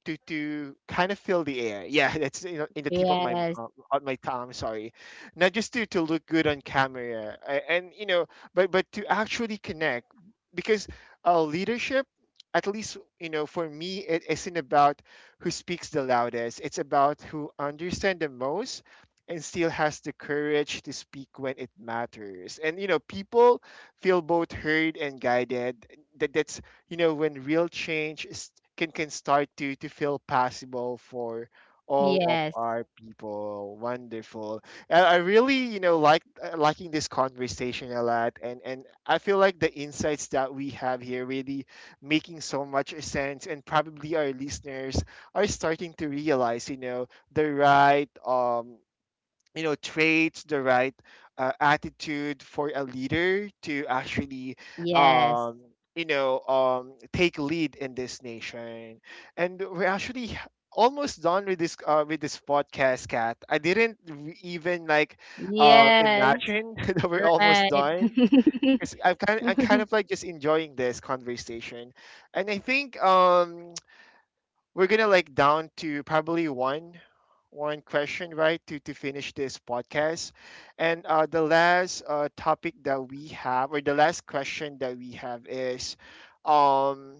S1: to to kind of fill the air. Yeah, that's, you know, in the tip of my
S2: Yes.
S1: uh, on my tongue. Sorry, not just to to look good on camera, a- and you know, but but to actually connect, because uh, leadership, at least you know for me, it isn't about who speaks the loudest. It's about who understands the most and still has the courage to speak when it matters. And you know, people feel both heard and guided. That that's you know, when real change is, can can start to to feel possible for all of
S2: Yes.
S1: our people. Wonderful, and I really, you know, like uh, liking this conversation a lot, and and I feel like the insights that we have here really making so much sense, and probably our listeners are starting to realize, you know, the right um, you know, traits, the right uh, attitude for a leader to actually
S2: Yes.
S1: um you know um take lead in this nation. And we're actually almost done with this uh, with this podcast, Kat. I didn't re- even like uh
S2: Yes.
S1: imagine that we're almost
S2: Right.
S1: done, because I'm kind I'm kind of like just enjoying this conversation. And I think um, we're gonna like down to probably one, one question, right, to to finish this podcast. And uh the last uh topic that we have, or the last question that we have is um,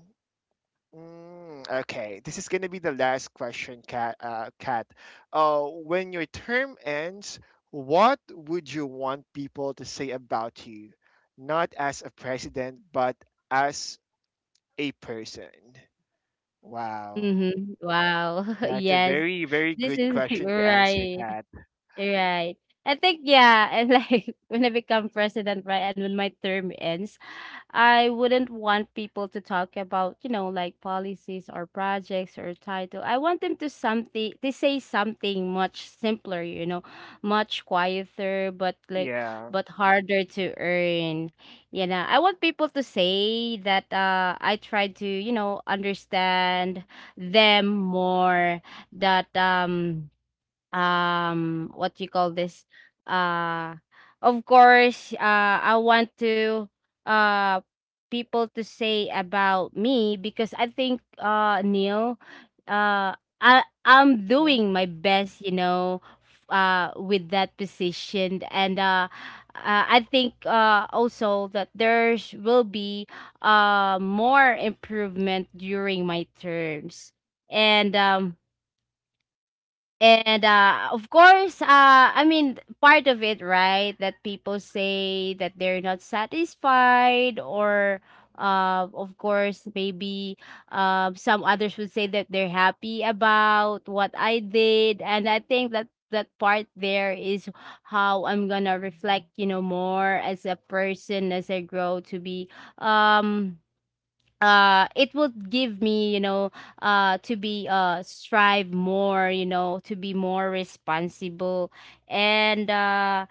S1: mm, okay, this is gonna be the last question, cat uh cat Uh, when your term ends, what would you want people to say about you, not as a president, but as a person? Wow,
S2: Mhm. Wow.
S1: that's a
S2: Yes.
S1: very, very
S2: This
S1: good
S2: is
S1: question to answer,
S2: right.
S1: Kat.
S2: Right. I think yeah, and like when I become president, right, and when my term ends, I wouldn't want people to talk about, you know, like policies or projects or title. I want them to something to say something much simpler, you know, much quieter, but like,
S1: Yeah.
S2: but harder to earn. You know, I want people to say that uh I try to, you know, understand them more, that um um what you call this, uh of course, uh I want to, uh people to say about me because I think, uh Neil, uh i i'm
S1: Yeah.
S2: doing my best, you know, f- uh with that position. And uh uh, I think uh, also that there's will be uh, more improvement during my terms. And um, and uh, of course, uh, I mean, part of it, right? That people say that they're not satisfied, or uh, of course, maybe uh, some others would say that they're happy about what I did. And I think that that part there is how I'm gonna reflect, you know, more as a person as I grow to be. Um, uh it would give me, you know, uh to be uh strive more, you know, to be more responsible. And uh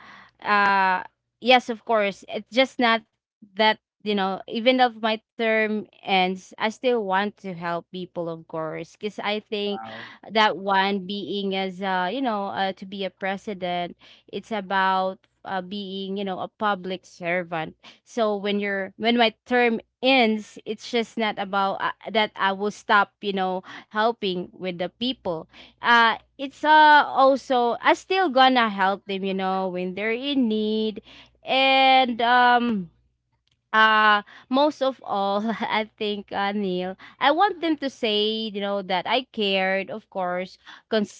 S2: uh yes, of course, it's just not that, you know, even if my term ends, I still want to help people, of course, because I think
S1: Wow.
S2: that one being as uh you know, uh, to be a president, it's about uh, being, you know, a public servant. So when you're when my term ends, it's just not about uh, that I will stop, you know, helping with the people. uh it's uh also I still gonna help them, you know, when they're in need. And um uh most of all, I think uh, Neil, I want them to say, you know, that I cared, of course,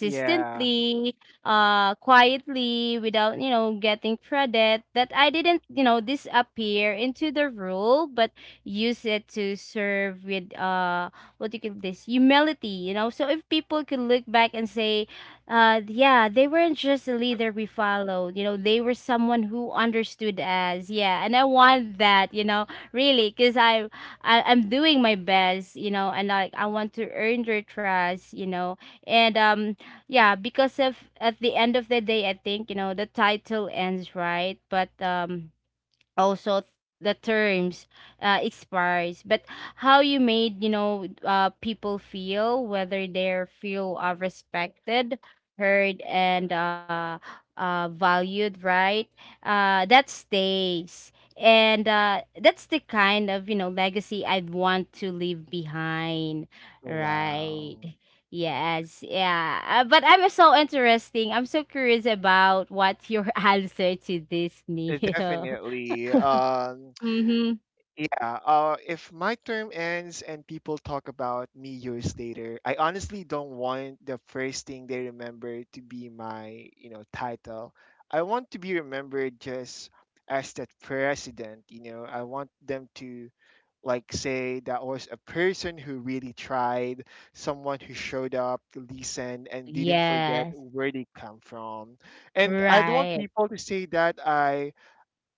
S1: Yeah.
S2: uh quietly, without, you know, getting credit. That I didn't, you know, disappear into the role, but use it to serve with uh what do you call this, humility, you know. So if people could look back and say, uh yeah, they weren't just a leader we followed, you know, they were someone who understood us. Yeah, and I want that, you know, really, because I, I i'm doing my best, you know, and like I want to earn their trust, you know. And um yeah, because of at the end of the day, I think, you know, the title ends, right? But um also th- the terms uh, expires. But how you made, you know, uh, people feel, whether they feel uh, respected, heard, and uh, uh, valued, right? uh, that stays. And uh, that's the kind of, you know, legacy I want to leave behind, right?
S1: Wow.
S2: Yes. Yeah. Uh, but I'm so interesting, I'm so curious about what your answer to this,
S1: Uh,
S2: Neil.
S1: definitely. Um,
S2: Mhm.
S1: yeah. Uh, if my term ends and people talk about me years later, I honestly don't want the first thing they remember to be my, you know, title. I want to be remembered just as that president. You know, I want them to like say that was a person who really tried, someone who showed up, listened, and didn't forget
S2: Yes,
S1: where they come from. And I don't want
S2: right.
S1: people to say that I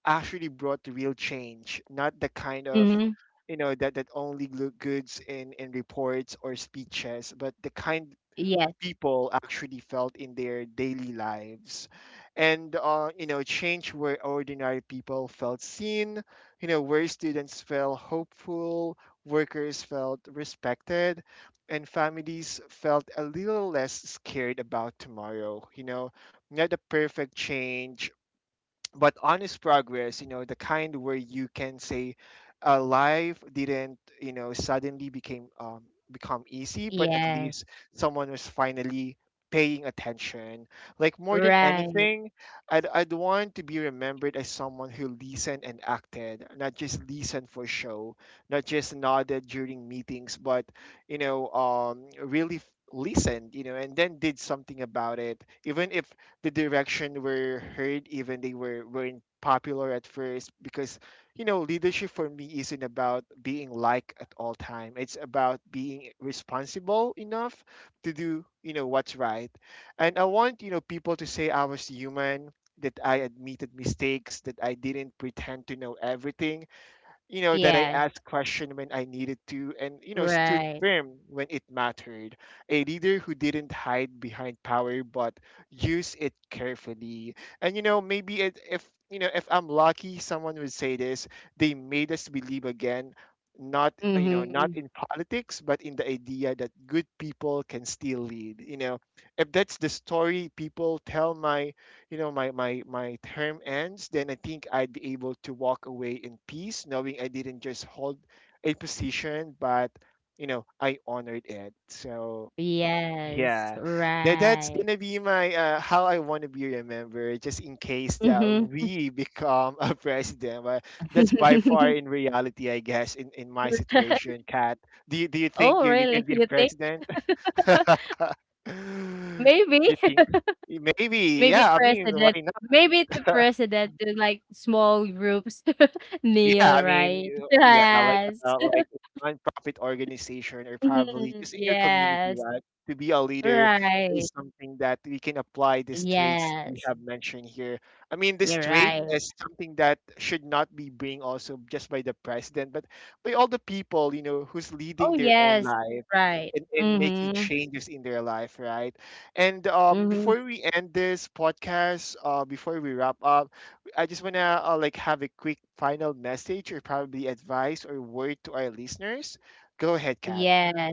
S1: actually brought the real change, not the kind of,
S2: Mhm.
S1: you know, that that only look goods in in reports or speeches, but the kind
S2: Yes,
S1: people actually felt in their daily lives. And uh, you know, change where ordinary people felt seen, you know, where students felt hopeful, workers felt respected, and families felt a little less scared about tomorrow, you know. Not a perfect change, but honest progress, you know, the kind where you can say, uh, life didn't, you know, suddenly became um, become easy, but at
S2: yes,
S1: least someone was finally paying attention. Like more than
S2: right.
S1: anything, I'd, I'd want to be remembered as someone who listened and acted, not just listened for show, not just nodded during meetings, but you know um really f- listened, you know, and then did something about it, even if the direction were heard, even they were weren't popular at first. Because, you know, leadership for me isn't about being liked at all time, it's about being responsible enough to do, you know, what's right. And I want, you know, people to say I was human, that I admitted mistakes, that I didn't pretend to know everything, you know, that I
S2: Yes,
S1: asked questions when I needed to, and, you know, stood
S2: right.
S1: firm when it mattered. A leader who didn't hide behind power but use it carefully. And, you know, maybe it, if, you know, if I'm lucky, someone would say this: they made us believe again, not uh, you know, not
S2: Mhm.
S1: in politics, but in the idea that good people can still lead, you know. If that's the story people tell my, you know, my my my term ends, then I think I'd be able to walk away in peace, knowing I didn't just hold a position but, you know, I honored it. So
S2: Yes,
S1: yeah, that that's
S2: right.
S1: gonna be my, uh, how I want to be remembered, just in case that
S2: Mhm.
S1: we become a president. But that's by far in reality, I guess, in in my situation, Kat. Do you do you think
S2: Oh,
S1: you, you
S2: really?
S1: can be a
S2: You think?
S1: president?
S2: Maybe.
S1: You think? Maybe,
S2: Maybe
S1: yeah, I mean, why
S2: president.
S1: not?
S2: Maybe the president to like small groups,
S1: Yeah,
S2: kneel,
S1: I mean,
S2: right?
S1: you- yeah, like
S2: Yes.
S1: uh, like a nonprofit organization, or probably
S2: Mhm.
S1: just in your community,
S2: Yes.
S1: right? To be a leader
S2: Right.
S1: is something that we can apply these traits we
S2: Yes.
S1: have mentioned here. I mean, this
S2: You're
S1: trait
S2: right.
S1: is something that should not be being also just by the president, but by all the people, you know, who's
S2: Oh,
S1: leading their own
S2: yes.
S1: life
S2: Right.
S1: and, and making
S2: Mhm.
S1: changes in their life, right? And um,
S2: Mhm.
S1: before we end this podcast, uh, before we wrap up, I just want to uh, like have a quick final message, or probably advice or word to our listeners. Go ahead, Kat.
S2: Yes.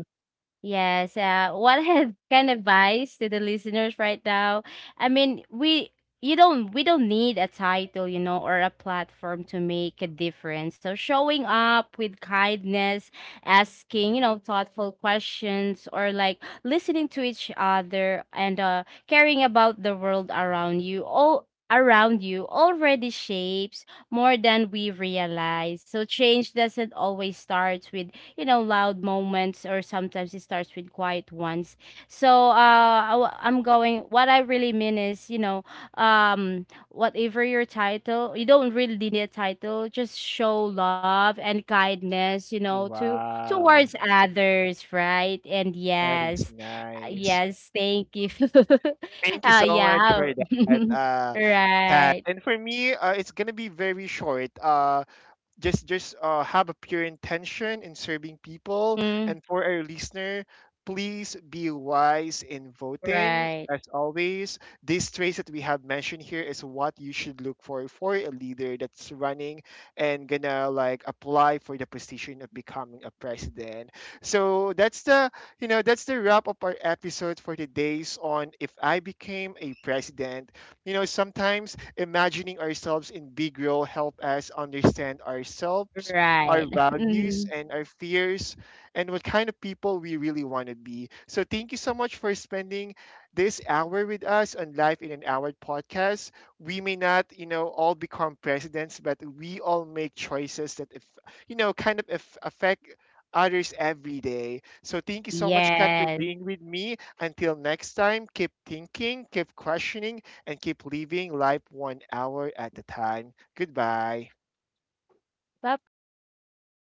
S2: Yes. Uh, what had can of advice to the listeners right now? I mean, we you don't, we don't need a title, you know, or a platform to make a difference. So showing up with kindness, asking, you know, thoughtful questions, or like listening to each other, and uh, caring about the world around you. All around you already shapes more than we realize. So change doesn't always start with, you know, loud moments, or sometimes it starts with quiet ones. So uh I, wa- I'm going what I really mean is, you know, um whatever your title, you don't really need a title, just show love and kindness, you know, to
S1: Wow,
S2: towards others, right? And
S1: that is
S2: yes.
S1: nice.
S2: Yes, thank you.
S1: Thank you
S2: uh
S1: so much
S2: yeah.
S1: for that, uh, Kat.
S2: Right.
S1: And for me, uh, it's gonna be very short. Uh, just just uh, have a pure intention in serving people.
S2: Mm,
S1: And for our listener, please be wise in voting.
S2: right.
S1: As always, these traits that we have mentioned here is what you should look for for a leader that's running and gonna like apply for the position of becoming a president. So that's the, you know, that's the wrap up our episode for today's on if I became a president. You know, sometimes imagining ourselves in big role help us understand ourselves,
S2: Right.
S1: our values,
S2: Mhm.
S1: and our fears, and what kind of people we really want to be. So thank you so much for spending this hour with us on Life in an Hour podcast. We may not, you know, all become presidents, but we all make choices that, if, you know, kind of if, affect others every day. So thank you so much, Kat, for
S2: Yes.
S1: being with me. Until next time, keep thinking, keep questioning, and keep living life one hour at a time. Goodbye.
S2: Bye bye.